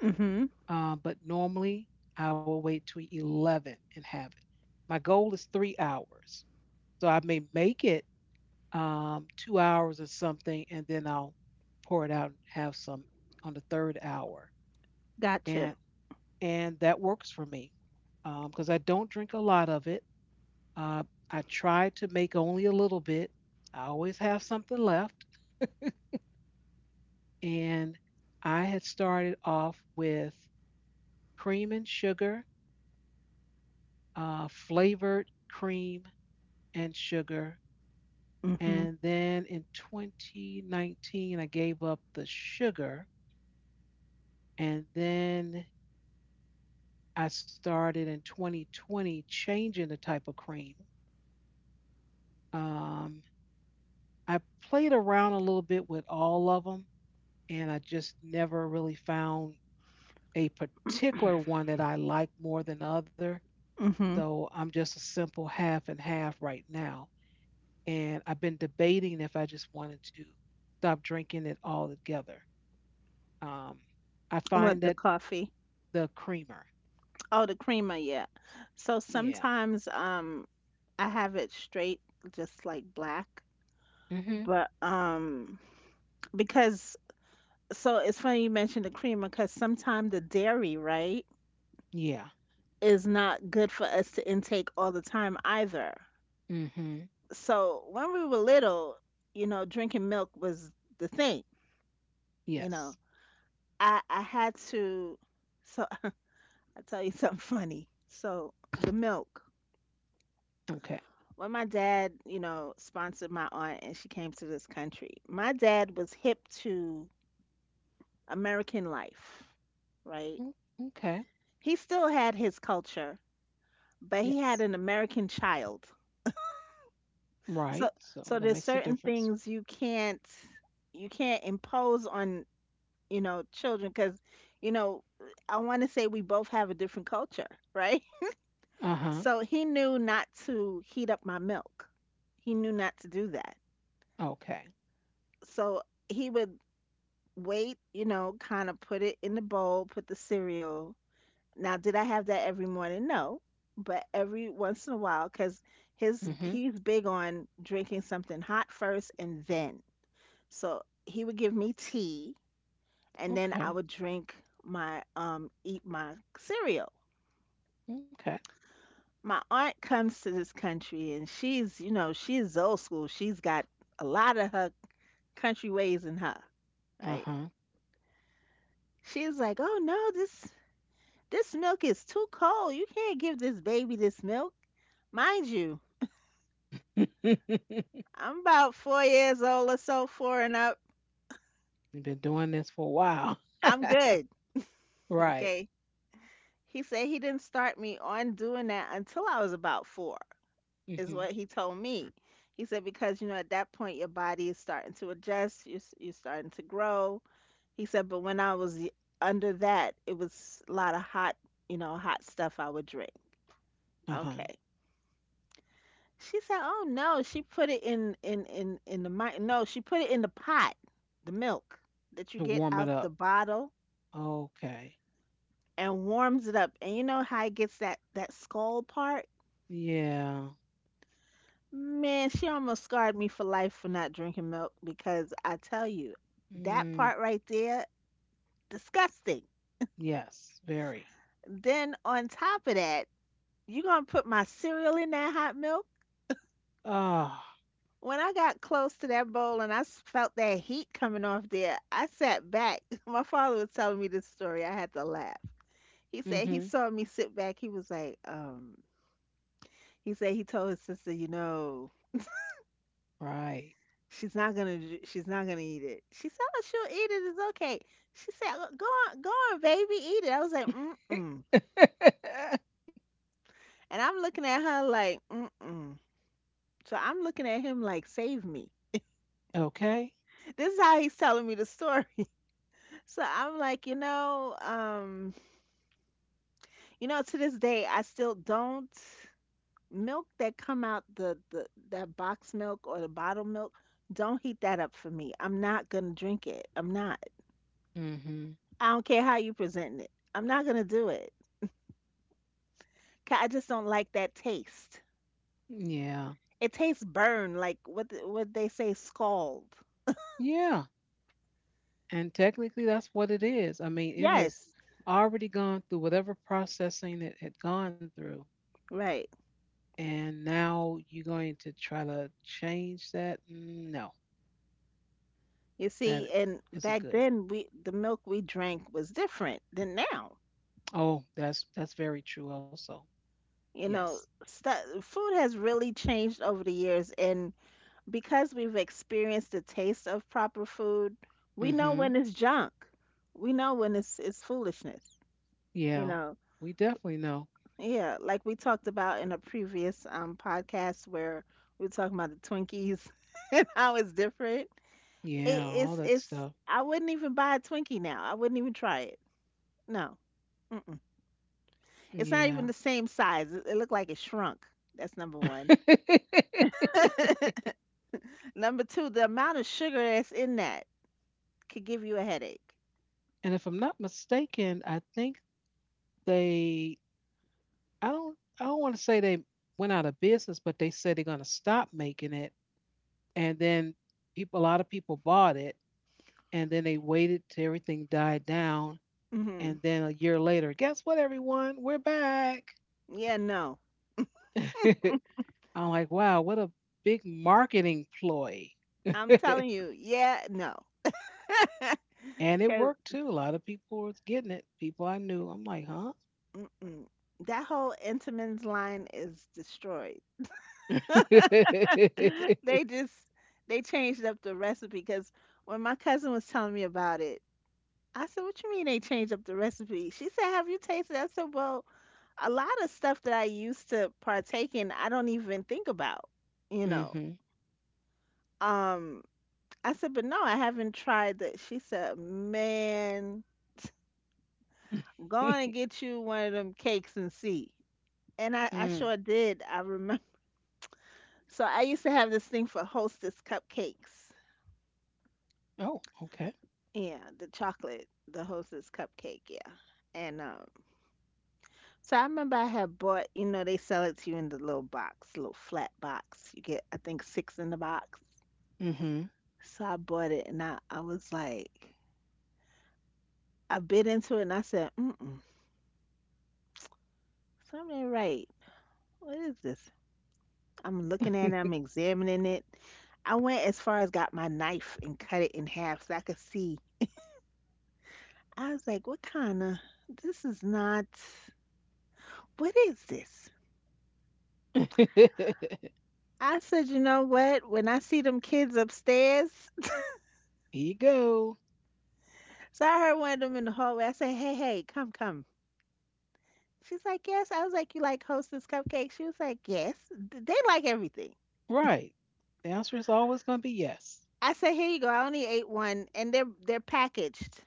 [SPEAKER 2] Mm-hmm.
[SPEAKER 1] Uh, but normally I will wait till eleven and have it. My goal is three hours. So I may make it um, two hours or something, and then I'll pour it out and have some on the third hour.
[SPEAKER 2] Gotcha.
[SPEAKER 1] and and that works for me because um, I don't drink a lot of it. Uh, I try to make only a little bit. I always have something left, and I had started off with cream and sugar, uh, flavored cream and sugar,
[SPEAKER 2] Mm-hmm.
[SPEAKER 1] and then in twenty nineteen I gave up the sugar, and then I started in twenty twenty changing the type of cream. Um, I played around a little bit with all of them, and I just never really found a particular one that I like more than other.
[SPEAKER 2] Mm-hmm.
[SPEAKER 1] So I'm just a simple half and half right now. And I've been debating if I just wanted to stop drinking it altogether. Um, I find
[SPEAKER 2] What the
[SPEAKER 1] that
[SPEAKER 2] coffee?
[SPEAKER 1] the creamer,
[SPEAKER 2] Oh, the creamer, yeah. So
[SPEAKER 1] yeah,
[SPEAKER 2] sometimes um I have it straight, just like black.
[SPEAKER 1] hmm,
[SPEAKER 2] But um because so it's funny you mentioned the creamer, because sometimes the dairy, right,
[SPEAKER 1] yeah,
[SPEAKER 2] is not good for us to intake all the time either.
[SPEAKER 1] hmm,
[SPEAKER 2] So when we were little, you know, drinking milk was the thing. You know,
[SPEAKER 1] yes,
[SPEAKER 2] I I had to. So I tell you [LAUGHS] something funny. So the milk.
[SPEAKER 1] okay,
[SPEAKER 2] When my dad, you know, sponsored my aunt and she came to this country, my dad was hip to American life, right?
[SPEAKER 1] mm, okay,
[SPEAKER 2] He still had his culture, but he
[SPEAKER 1] yes,
[SPEAKER 2] had an American child.
[SPEAKER 1] right.
[SPEAKER 2] So
[SPEAKER 1] So
[SPEAKER 2] so
[SPEAKER 1] that
[SPEAKER 2] there's
[SPEAKER 1] makes a
[SPEAKER 2] certain
[SPEAKER 1] difference.
[SPEAKER 2] things you can't you can't impose on, you know, children cuz you know, I want to say we both have a different culture, right?
[SPEAKER 1] Uh
[SPEAKER 2] [LAUGHS]
[SPEAKER 1] huh.
[SPEAKER 2] So he knew not to heat up my milk. He knew not to do that.
[SPEAKER 1] Okay.
[SPEAKER 2] So he would wait, you know, kind of put it in the bowl, put the cereal. Now, did I have that every morning? No, but every once in a while, because his
[SPEAKER 1] Mm-hmm.
[SPEAKER 2] he's big on drinking something hot first and then. So he would give me tea, and then I
[SPEAKER 1] Okay.
[SPEAKER 2] would drink my um eat my cereal.
[SPEAKER 1] Okay.
[SPEAKER 2] My aunt comes to this country, and she's you know she's old school. She's got a lot of her country ways in her,
[SPEAKER 1] Uh
[SPEAKER 2] right?
[SPEAKER 1] huh.
[SPEAKER 2] She's like, oh no, this this milk is too cold. You can't give this baby this milk, mind you.
[SPEAKER 1] [LAUGHS] You've
[SPEAKER 2] I'm about four years old or so, four and up.
[SPEAKER 1] been doing this for a while.
[SPEAKER 2] I'm
[SPEAKER 1] [LAUGHS]
[SPEAKER 2] good.
[SPEAKER 1] Right.
[SPEAKER 2] Okay. He said he didn't start me on doing that until I was about four, is
[SPEAKER 1] Mm-hmm.
[SPEAKER 2] what he told me. He said, because, you know, at that point, your body is starting to adjust, you're, s- you're starting to grow. He said, but when I was y- under that, it was a lot of hot, you know, hot stuff I would drink.
[SPEAKER 1] Uh huh.
[SPEAKER 2] Okay. She said, oh no, she put it in, in, in, in the, mi- no, she put it in the pot, the milk that you
[SPEAKER 1] To
[SPEAKER 2] get
[SPEAKER 1] warm it
[SPEAKER 2] out
[SPEAKER 1] up.
[SPEAKER 2] the bottle
[SPEAKER 1] Okay.
[SPEAKER 2] and warms it up. And you know how it gets that that skull part?
[SPEAKER 1] Yeah.
[SPEAKER 2] Man, she almost scarred me for life for not drinking milk because I tell you, that
[SPEAKER 1] Mm,
[SPEAKER 2] part right there, disgusting.
[SPEAKER 1] yes. Very.
[SPEAKER 2] Then on top of that, you gonna put my cereal in that hot milk?
[SPEAKER 1] Oh.
[SPEAKER 2] When I got close to that bowl and I s- felt that heat coming off there, I sat back. [LAUGHS] My father was telling me this story. I had to laugh. He said he
[SPEAKER 1] Mm-hmm.
[SPEAKER 2] saw me sit back. He was like, um, he said he told his sister, you know,
[SPEAKER 1] Right.
[SPEAKER 2] She's not gonna ju she's not gonna eat it. She said, "Oh, she'll eat it, it's okay." She said, "Oh, go on, go on, baby, eat it." I was like, "Mm-mm."
[SPEAKER 1] [LAUGHS]
[SPEAKER 2] And I'm looking at her like, "Mm-mm." So I'm looking at him like, "Save me."
[SPEAKER 1] okay.
[SPEAKER 2] This is how he's telling me the story. [LAUGHS] So I'm like, "You know, um, you know, to this day I still don't milk that come out the the that box milk or the bottle milk, don't heat that up for me. I'm not gonna drink it. I'm not.
[SPEAKER 1] Mm-hmm.
[SPEAKER 2] I don't care how you present it. I'm not gonna do it." 'Ca- I just don't like that taste.
[SPEAKER 1] Yeah.
[SPEAKER 2] It tastes burned, like what th- what they say, scald.
[SPEAKER 1] Yeah. And technically, that's what it is. I mean, it has
[SPEAKER 2] Yes,
[SPEAKER 1] already gone through whatever processing it had gone through,
[SPEAKER 2] right.
[SPEAKER 1] and now you're going to try to change that. Mm, no,
[SPEAKER 2] You
[SPEAKER 1] that
[SPEAKER 2] see, and
[SPEAKER 1] isn't
[SPEAKER 2] back
[SPEAKER 1] good.
[SPEAKER 2] then we the milk we drank was different than now.
[SPEAKER 1] Oh, that's that's very true also.
[SPEAKER 2] You
[SPEAKER 1] Yes.
[SPEAKER 2] know, stu- food has really changed over the years, and because we've experienced the taste of proper food, we know
[SPEAKER 1] Mm-hmm.
[SPEAKER 2] when it's junk. We know when it's it's foolishness. You
[SPEAKER 1] Yeah.
[SPEAKER 2] know,
[SPEAKER 1] We definitely know.
[SPEAKER 2] yeah, like we talked about in a previous um podcast where we were talking about the Twinkies [LAUGHS] and how it's different. It,
[SPEAKER 1] Yeah, all
[SPEAKER 2] it's
[SPEAKER 1] that
[SPEAKER 2] it's
[SPEAKER 1] stuff.
[SPEAKER 2] I wouldn't even buy a Twinkie now. I wouldn't even try it. No. Mm-mm. It's not even
[SPEAKER 1] Yeah.
[SPEAKER 2] the same size. It, it looked like it shrunk. That's number
[SPEAKER 1] [LAUGHS]
[SPEAKER 2] one.
[SPEAKER 1] And
[SPEAKER 2] [LAUGHS] Number two, the amount of sugar that's in that could give you a headache.
[SPEAKER 1] if I'm not mistaken, I think they, i don't I don't want to say they went out of business, but they said they're going to stop making it, and then people, a lot of people bought it, and then they waited till everything died down. And
[SPEAKER 2] Hmm.
[SPEAKER 1] then a year later, guess what, everyone? We're back.
[SPEAKER 2] Yeah, no.
[SPEAKER 1] [LAUGHS] I'm like, wow, what a big marketing ploy.
[SPEAKER 2] I'm
[SPEAKER 1] [LAUGHS]
[SPEAKER 2] telling you, yeah, no.
[SPEAKER 1] And it
[SPEAKER 2] Because
[SPEAKER 1] worked too. A lot of people were getting it. People I knew. I'm like, huh?
[SPEAKER 2] that whole Entenmann's line is destroyed.
[SPEAKER 1] [LAUGHS]
[SPEAKER 2] [LAUGHS] they just they changed up the recipe, because when my cousin was telling me about it, I said, "What you mean they changed up the recipe?" She said, "Have you tasted?" it?" I said, "Well, a lot of stuff that I used to partake in, I don't even think about, you know."
[SPEAKER 1] hmm
[SPEAKER 2] Um, I said, "But no, I haven't tried that." She said, "Man, go on and
[SPEAKER 1] [LAUGHS]
[SPEAKER 2] get you one of them cakes and see." And I, I
[SPEAKER 1] Mm.
[SPEAKER 2] sure did. I remember. [LAUGHS] So I used to have this thing for Hostess cupcakes.
[SPEAKER 1] Oh, okay.
[SPEAKER 2] Yeah, the chocolate, the Hostess cupcake, yeah. And um, so I remember I had bought, you know, they sell it to you in the little box, little flat box. You get, I think, six in the box.
[SPEAKER 1] Hmm.
[SPEAKER 2] So I bought it, and I, I was like, I bit into it, and I said, mm-mm, something ain't right. What is this? I'm looking at it, I'm
[SPEAKER 1] [LAUGHS]
[SPEAKER 2] examining it. I went as far as got my knife and cut it in half so I could see. I was like, what kind of, this is not, what is this? I said, you know what? When I see them kids upstairs, [LAUGHS]
[SPEAKER 1] Here you go.
[SPEAKER 2] so I heard one of them in the hallway. I said, hey, hey, come, come. She's like, yes. I was like, you like Hostess cupcakes? She was like, yes. Th- They like everything.
[SPEAKER 1] Right. The answer is always going to be yes.
[SPEAKER 2] I said, here you go. I only ate one, and they're they're packaged.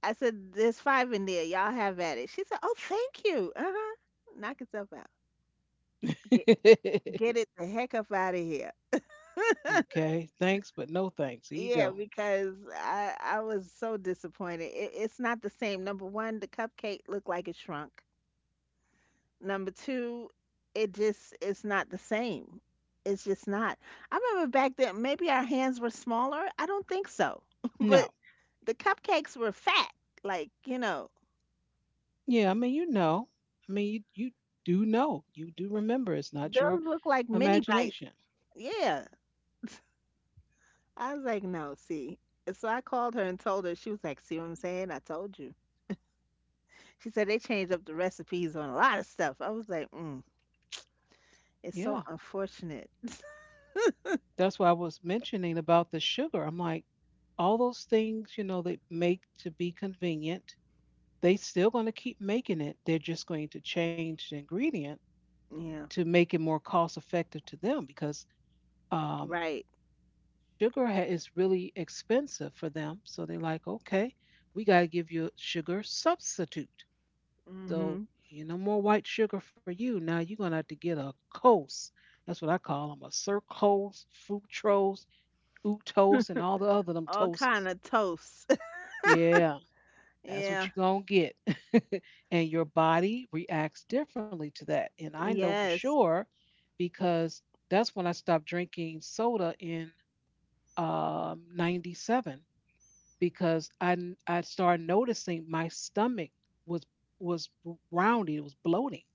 [SPEAKER 2] I said, there's five in there. Y'all have at it. She said, oh, thank you. Uh huh. Knock yourself out. Get
[SPEAKER 1] [LAUGHS]
[SPEAKER 2] get it the heck up out of here.
[SPEAKER 1] okay. Thanks, but no thanks. Here you
[SPEAKER 2] Yeah,
[SPEAKER 1] go.
[SPEAKER 2] because I I was so disappointed. It, it's not the same. Number one, the cupcake looked like it shrunk. Number two, it just it's not the same. It's just not. I remember back then, maybe our hands were smaller. I don't think so. [LAUGHS] But
[SPEAKER 1] No.
[SPEAKER 2] the cupcakes were fat. Like, you know,
[SPEAKER 1] Yeah, I mean, you know. I mean, you, you do know. You do remember. It's not your
[SPEAKER 2] those look like mini bites.
[SPEAKER 1] imagination.
[SPEAKER 2] Yeah. I was like, no, see. And so I called her and told her. She was like, see what I'm saying? I told you. She said they changed up the recipes on a lot of stuff. I was like, mm, it's
[SPEAKER 1] Yeah.
[SPEAKER 2] so unfortunate. [LAUGHS]
[SPEAKER 1] That's why I was mentioning about the sugar. I'm like, all those things, you know, they make to be convenient, they still going to keep making it. They're just going to change the ingredient
[SPEAKER 2] Yeah.
[SPEAKER 1] to make it more cost effective to them because um,
[SPEAKER 2] Right.
[SPEAKER 1] sugar ha- is really expensive for them. So they're like, okay, we got to give you a sugar substitute. So,
[SPEAKER 2] Hmm.
[SPEAKER 1] you know, more white sugar for you. Now you're gonna have to get a coast. That's what I call them, a circos, fructose, toast, and all the other them
[SPEAKER 2] All
[SPEAKER 1] toasts.
[SPEAKER 2] kind of toasts.
[SPEAKER 1] Yeah,
[SPEAKER 2] [LAUGHS]
[SPEAKER 1] that's what
[SPEAKER 2] Yeah.
[SPEAKER 1] you're gonna get. [LAUGHS] And your body reacts differently to that. And I know for
[SPEAKER 2] Yes.
[SPEAKER 1] sure because that's when I stopped drinking soda in um, ninety-seven because I, n- I started noticing my stomach was was rounding, it was bloating.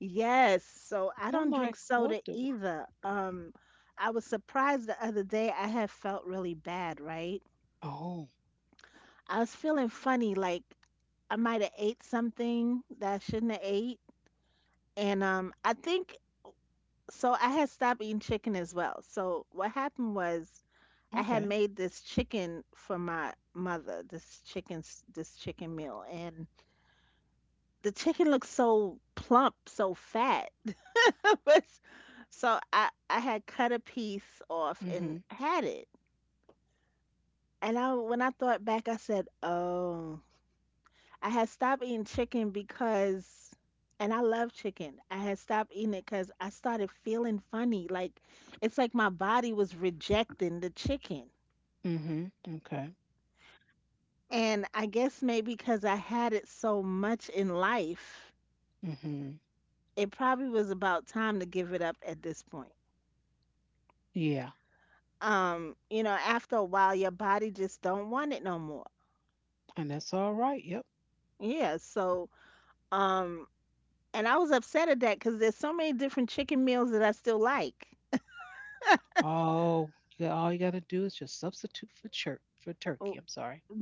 [SPEAKER 2] Yes, so
[SPEAKER 1] And
[SPEAKER 2] I
[SPEAKER 1] I'm
[SPEAKER 2] don't
[SPEAKER 1] like,
[SPEAKER 2] drink
[SPEAKER 1] what
[SPEAKER 2] soda
[SPEAKER 1] the? wor-
[SPEAKER 2] either. Um, I was surprised the other day I had felt really bad, right?
[SPEAKER 1] Oh,
[SPEAKER 2] I was feeling funny, like I might have ate something that I shouldn't have ate. And um, I think so. I had stopped eating chicken as well. So what happened was I had
[SPEAKER 1] okay.
[SPEAKER 2] made this chicken for my mother, this chicken, s- this chicken meal, and the chicken looked so plump, so fat. [LAUGHS] was so I I had cut a piece off and
[SPEAKER 1] Mm-hmm.
[SPEAKER 2] had it. And I when I thought back, I said, "Oh, I had stopped eating chicken because and I love chicken. I had stopped eating it cuz I started feeling funny. Like it's like my body was rejecting the chicken.
[SPEAKER 1] Mm-hmm. Okay.
[SPEAKER 2] And I guess maybe because I had it so much in life,
[SPEAKER 1] Mm-hmm.
[SPEAKER 2] it probably was about time to give it up at this point.
[SPEAKER 1] Yeah.
[SPEAKER 2] Um, you know, after a while your body just don't want it no more.
[SPEAKER 1] And that's all right. Yep.
[SPEAKER 2] Yeah, so um and I was upset at that cuz there's so many different chicken meals that I still like.
[SPEAKER 1] Oh, you got, all you got to do is just substitute for church for
[SPEAKER 2] Oh,
[SPEAKER 1] turkey. I'm sorry.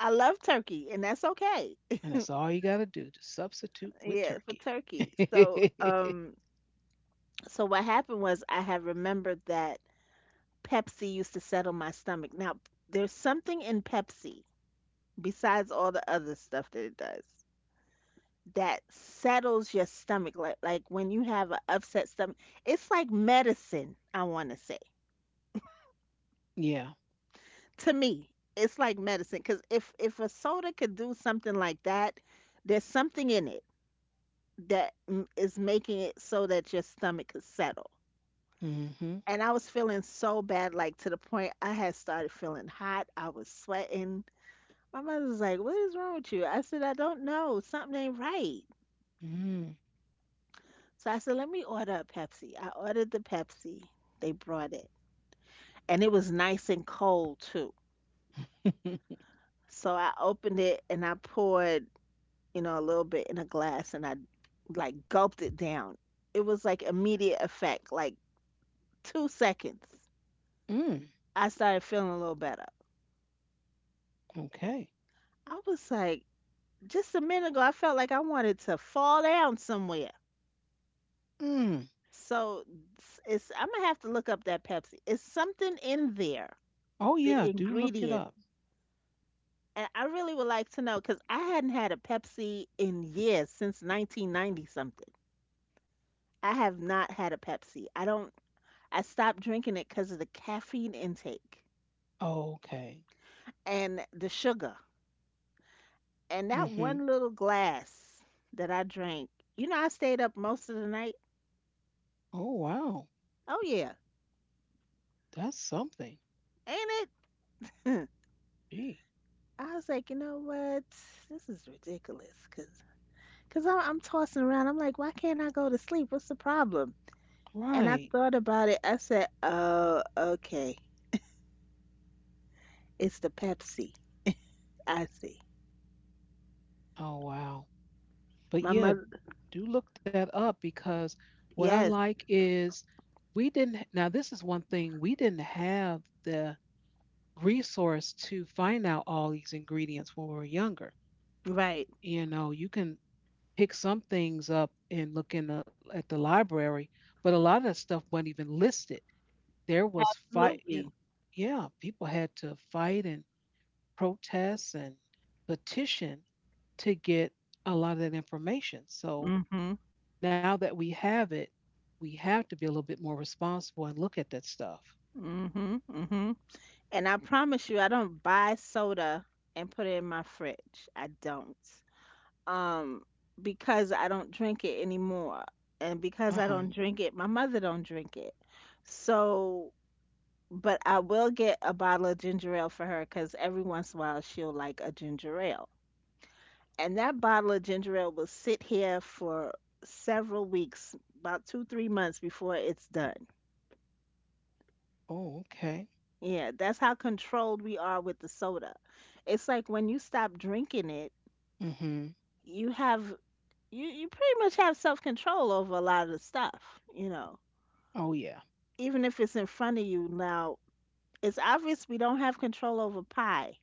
[SPEAKER 2] I love turkey and that's okay.
[SPEAKER 1] And that's all you got to do. Just substitute with
[SPEAKER 2] Yeah, for
[SPEAKER 1] turkey.
[SPEAKER 2] turkey.
[SPEAKER 1] [LAUGHS]
[SPEAKER 2] So um so what happened was I had remembered that Pepsi used to settle my stomach. Now, there's something in Pepsi besides all the other stuff that it does that settles your stomach like like when you have an upset stomach. It's like medicine, I want to say.
[SPEAKER 1] Yeah.
[SPEAKER 2] To me, it's like medicine because if if a soda could do something like that, there's something in it that m- is making it so that your stomach could settle.
[SPEAKER 1] Mm-hmm.
[SPEAKER 2] And I was feeling so bad, like to the point I had started feeling hot. I was sweating. My mother's like, "What is wrong with you?" I said, "I don't know. Something ain't right."
[SPEAKER 1] Mm.
[SPEAKER 2] So I said, "Let me order a Pepsi." I ordered the Pepsi. They brought it, and it was nice and cold too.
[SPEAKER 1] [LAUGHS]
[SPEAKER 2] So I opened it and I poured, you know, a little bit in a glass and I like gulped it down. It was like immediate effect, like two seconds.
[SPEAKER 1] Mm.
[SPEAKER 2] I started feeling a little better.
[SPEAKER 1] Okay.
[SPEAKER 2] I was like, just a minute ago, I felt like I wanted to fall down somewhere.
[SPEAKER 1] Mm.
[SPEAKER 2] So it's, it's I'm gonna have to look up that Pepsi. It's something in there,
[SPEAKER 1] Oh yeah.
[SPEAKER 2] the
[SPEAKER 1] Do look it
[SPEAKER 2] ingredient.
[SPEAKER 1] up.
[SPEAKER 2] And I really would like to know because I hadn't had a Pepsi in years since nineteen ninety something. I have not had a Pepsi. I don't I stopped drinking it because of the caffeine intake
[SPEAKER 1] Okay.
[SPEAKER 2] and the sugar. And that
[SPEAKER 1] Mm-hmm.
[SPEAKER 2] one little glass that I drank, you know, I stayed up most of the night.
[SPEAKER 1] Oh wow.
[SPEAKER 2] Oh, yeah,
[SPEAKER 1] That's something.
[SPEAKER 2] ain't it?
[SPEAKER 1] Gee.
[SPEAKER 2] [LAUGHS] I was like, you know what? This is ridiculous because cause I'm, I'm tossing around. I'm like, why can't I go to sleep? What's the problem? And I
[SPEAKER 1] Right.
[SPEAKER 2] thought about it. I said, oh, okay. It's the Pepsi. I see.
[SPEAKER 1] Oh wow. But
[SPEAKER 2] My
[SPEAKER 1] yeah,
[SPEAKER 2] mother,
[SPEAKER 1] do look that up because what I
[SPEAKER 2] yes,
[SPEAKER 1] like is we didn't, now, this is one thing we didn't have the resource to find out all these ingredients when we were younger.
[SPEAKER 2] right.
[SPEAKER 1] You know, you can pick some things up and look in the, at the library, but a lot of that stuff wasn't even listed. There was fight,
[SPEAKER 2] Absolutely.
[SPEAKER 1] you- Yeah, people had to fight and protest and petition to get a lot of that information.
[SPEAKER 2] Mm
[SPEAKER 1] So
[SPEAKER 2] hmm.
[SPEAKER 1] now that we have it, we have to be a little bit more responsible and look at that stuff.
[SPEAKER 2] Mm hmm. Mm hmm. And I promise you, I don't buy soda and put it in my fridge. I don't. Um, because I don't drink it anymore. And
[SPEAKER 1] Uh
[SPEAKER 2] because I
[SPEAKER 1] huh.
[SPEAKER 2] don't drink it, my mother don't drink it. So, but I will get a bottle of ginger ale for her because every once in a while she'll like a ginger ale. And that bottle of ginger ale will sit here for several weeks, about two, three months before it's done.
[SPEAKER 1] Oh, okay.
[SPEAKER 2] Yeah, that's how controlled we are with the soda. It's like when you stop drinking it,
[SPEAKER 1] Mm hmm.
[SPEAKER 2] you have you you pretty much have self control over a lot of the stuff, you know.
[SPEAKER 1] Oh, yeah.
[SPEAKER 2] Even if it's in front of you now, it's obvious we don't have control over pie.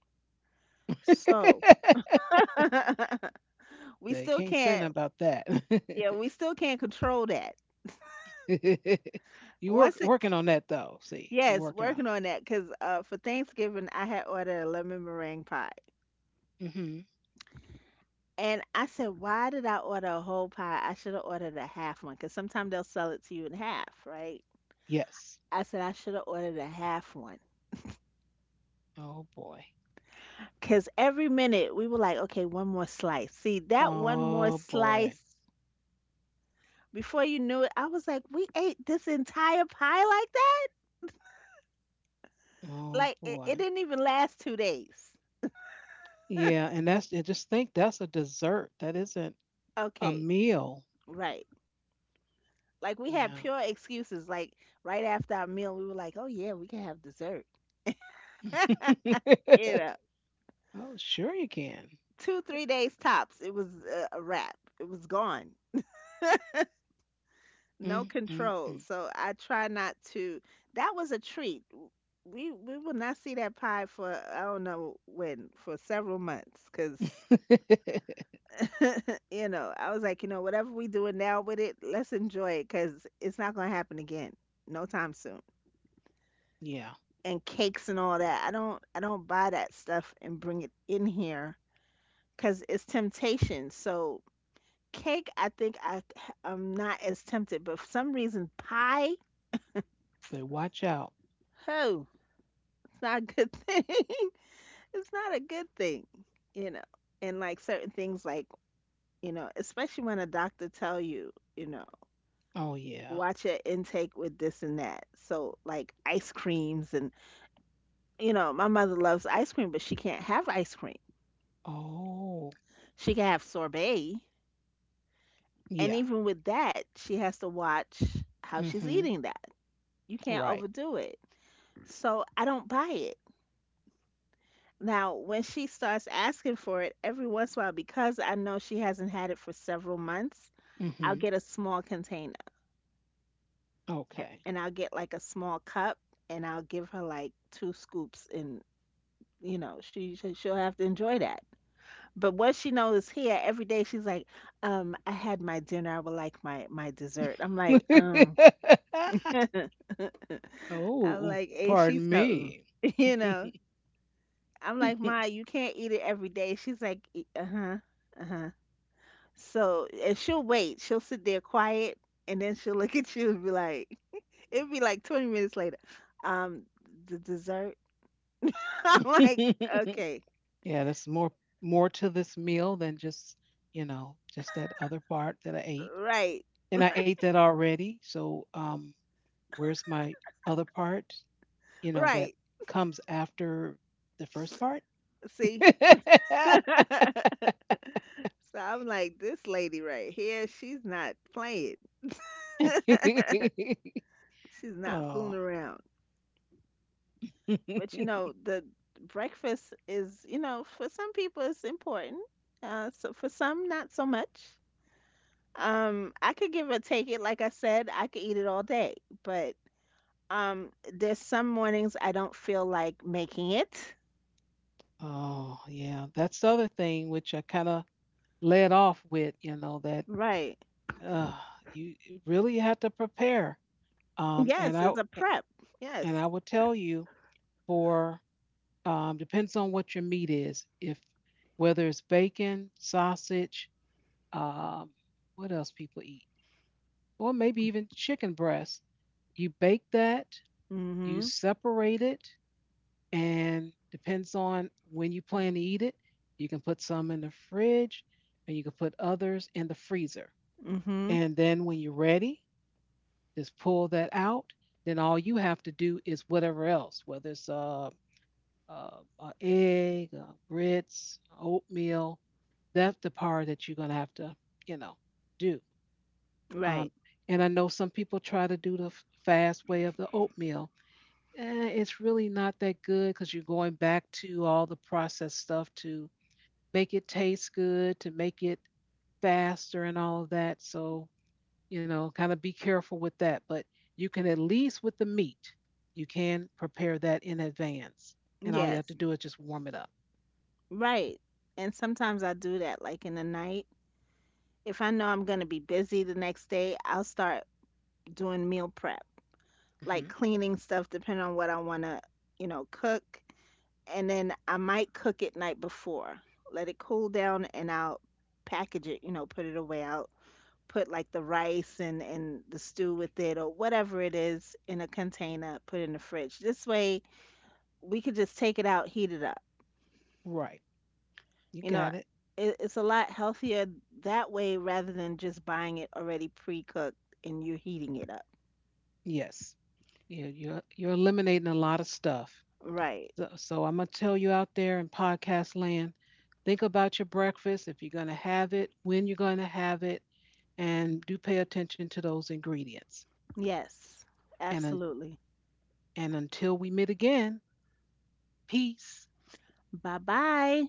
[SPEAKER 2] So
[SPEAKER 1] [LAUGHS]
[SPEAKER 2] [LAUGHS] we
[SPEAKER 1] They
[SPEAKER 2] still
[SPEAKER 1] can't say nothing
[SPEAKER 2] can't,
[SPEAKER 1] about that.
[SPEAKER 2] yeah, we still can't control that.
[SPEAKER 1] [LAUGHS] You work
[SPEAKER 2] Once it
[SPEAKER 1] working
[SPEAKER 2] c-
[SPEAKER 1] on that though. See, you're
[SPEAKER 2] yes,
[SPEAKER 1] working on
[SPEAKER 2] working on that cuz uh for Thanksgiving I had ordered a lemon meringue pie.
[SPEAKER 1] it. Hmm.
[SPEAKER 2] And I said, "Why did I order a whole pie? I should have ordered a half one cuz sometimes they'll sell it to you in half, right?"
[SPEAKER 1] Yes.
[SPEAKER 2] I said I should have ordered a half one.
[SPEAKER 1] Oh boy.
[SPEAKER 2] Because every minute we were like, okay, one more slice. See, that one more
[SPEAKER 1] Oh boy.
[SPEAKER 2] slice, before you knew it, I was like, we ate this entire pie like that?
[SPEAKER 1] Oh
[SPEAKER 2] Like, it, it
[SPEAKER 1] boy.
[SPEAKER 2] didn't even last two days.
[SPEAKER 1] Yeah, and that's and just think that's a dessert. That isn't a
[SPEAKER 2] Okay,
[SPEAKER 1] meal.
[SPEAKER 2] right. Like, we
[SPEAKER 1] Yeah.
[SPEAKER 2] had pure excuses. Like, right after our meal, we were like, oh, yeah, we can have dessert.
[SPEAKER 1] [LAUGHS]
[SPEAKER 2] [LAUGHS] You know,
[SPEAKER 1] Oh, sure you can.
[SPEAKER 2] two, three days tops, it was a, a wrap. It was gone.
[SPEAKER 1] Mm,
[SPEAKER 2] No
[SPEAKER 1] mm, mm.
[SPEAKER 2] control. So I try not to. That was a treat. W- We we will not see that pie for I don't know when for several months because
[SPEAKER 1] [LAUGHS]
[SPEAKER 2] you know I was like you know whatever we doing now with it, let's enjoy it because it's not gonna happen again, no time soon.
[SPEAKER 1] Yeah.
[SPEAKER 2] And cakes and all that. I don't I don't buy that stuff and bring it in here because it's temptation. So cake, I think I I'm not as tempted, but for some reason pie,
[SPEAKER 1] So watch out.
[SPEAKER 2] oh, it's not a good [LAUGHS] thing. It's not a good thing, you know. And like certain things, like you know, especially when a doctor tell you, you know,
[SPEAKER 1] Oh yeah.
[SPEAKER 2] watch your intake with this and that. So like ice creams and, you know, my mother loves ice cream, but she can't have ice cream.
[SPEAKER 1] Oh
[SPEAKER 2] She can have sorbet, and
[SPEAKER 1] yeah.
[SPEAKER 2] even with that, she has to watch how she's
[SPEAKER 1] Mm-hmm.
[SPEAKER 2] eating that. You can't
[SPEAKER 1] Right.
[SPEAKER 2] overdo it. So I don't buy it. Now, when she starts asking for it every once in a while, because I know she hasn't had it for several months, I'll
[SPEAKER 1] Mm-hmm.
[SPEAKER 2] get a small container a-
[SPEAKER 1] Okay.
[SPEAKER 2] and I'll get like a small cup and I'll give her like two scoops and, you know, she she- she'll have to enjoy that. But what she knows here every day she's like, um, I had my dinner. I would like my my dessert. I'm like, um,
[SPEAKER 1] [LAUGHS]
[SPEAKER 2] [LAUGHS] I'm
[SPEAKER 1] Oh,
[SPEAKER 2] like, ain't she
[SPEAKER 1] pardon
[SPEAKER 2] something?
[SPEAKER 1] me.
[SPEAKER 2] [LAUGHS] You
[SPEAKER 1] [LAUGHS] Yeah,
[SPEAKER 2] know, I'm like, Ma, you can't eat it every day. She's like, uh huh, uh huh. So, and she'll wait. She'll sit there quiet, and then she'll look at you and be like, [LAUGHS] it would be like twenty minutes later. Um, the dessert. [LAUGHS] I'm like, okay,
[SPEAKER 1] there's more more to this meal than just, you know, just that other part that I ate,
[SPEAKER 2] right,
[SPEAKER 1] and I ate that already. So um, where's my other part? You know that
[SPEAKER 2] right.
[SPEAKER 1] comes after the first part.
[SPEAKER 2] See?
[SPEAKER 1] [LAUGHS]
[SPEAKER 2] [LAUGHS] So I'm like, this lady right here, she's not playing. [LAUGHS] She's not fooling
[SPEAKER 1] Oh.
[SPEAKER 2] around.
[SPEAKER 1] [LAUGHS]
[SPEAKER 2] But you know, the breakfast is, you know, for some people it's important. Uh, so for some, not so much. Um, I could give or take it. Like I said, I could eat it all day, but um, there's some mornings I don't feel like making it.
[SPEAKER 1] Oh, yeah. That's the other thing which I kind of led off with, you know, that
[SPEAKER 2] Right.
[SPEAKER 1] uh, you really have to prepare. Um, and
[SPEAKER 2] Yes,
[SPEAKER 1] I
[SPEAKER 2] it's a prep.
[SPEAKER 1] and I
[SPEAKER 2] Yes.
[SPEAKER 1] would tell you for um, depends on what your meat is. If whether it's bacon, sausage, um, what else people eat, or maybe even chicken breast, you bake that, you
[SPEAKER 2] Mm-hmm.
[SPEAKER 1] separate it, and depends on when you plan to eat it. You can put some in the fridge and you can put others in the freezer.
[SPEAKER 2] Mm-hmm.
[SPEAKER 1] And then when you're ready, just pull that out. Then all you have to do is whatever else, whether it's a, a, a egg, uh grits, oatmeal. That's the part that you're gonna have to, you know, do. Um,
[SPEAKER 2] Right.
[SPEAKER 1] and I know some people try to do the f- fast way of the oatmeal. Eh, it's really not that good because you're going back to all the processed stuff to make it taste good, to make it faster and all of that. So, you know, kind of be careful with that. But you can at least with the meat, you can prepare that in advance. And all you have to
[SPEAKER 2] Yes.
[SPEAKER 1] do is just warm it up.
[SPEAKER 2] Right. And sometimes I do that, like in the night. If I know I'm gonna be busy the next day, I'll start doing meal prep, like
[SPEAKER 1] Hmm.
[SPEAKER 2] cleaning stuff, depending on what I wanna, you know, cook. And then I might cook it night before. Let it cool down and I'll package it, you know, put it away. I'll put like the rice and and the stew with it or whatever it is in a container, put it in the fridge. This way we could just take it out, heat it up.
[SPEAKER 1] Right. You
[SPEAKER 2] You know,
[SPEAKER 1] got it.
[SPEAKER 2] it, it's a lot healthier that way rather than just buying it already pre-cooked and you're heating it up.
[SPEAKER 1] Yes. Yeah, you're you're eliminating a lot of stuff.
[SPEAKER 2] Right.
[SPEAKER 1] So, so I'm gonna tell you out there in podcast land, think about your breakfast if you're gonna have it, when you're gonna have it, and do pay attention to those ingredients.
[SPEAKER 2] Yes.
[SPEAKER 1] And un-
[SPEAKER 2] Absolutely.
[SPEAKER 1] and until we meet again, peace.
[SPEAKER 2] Bye-bye.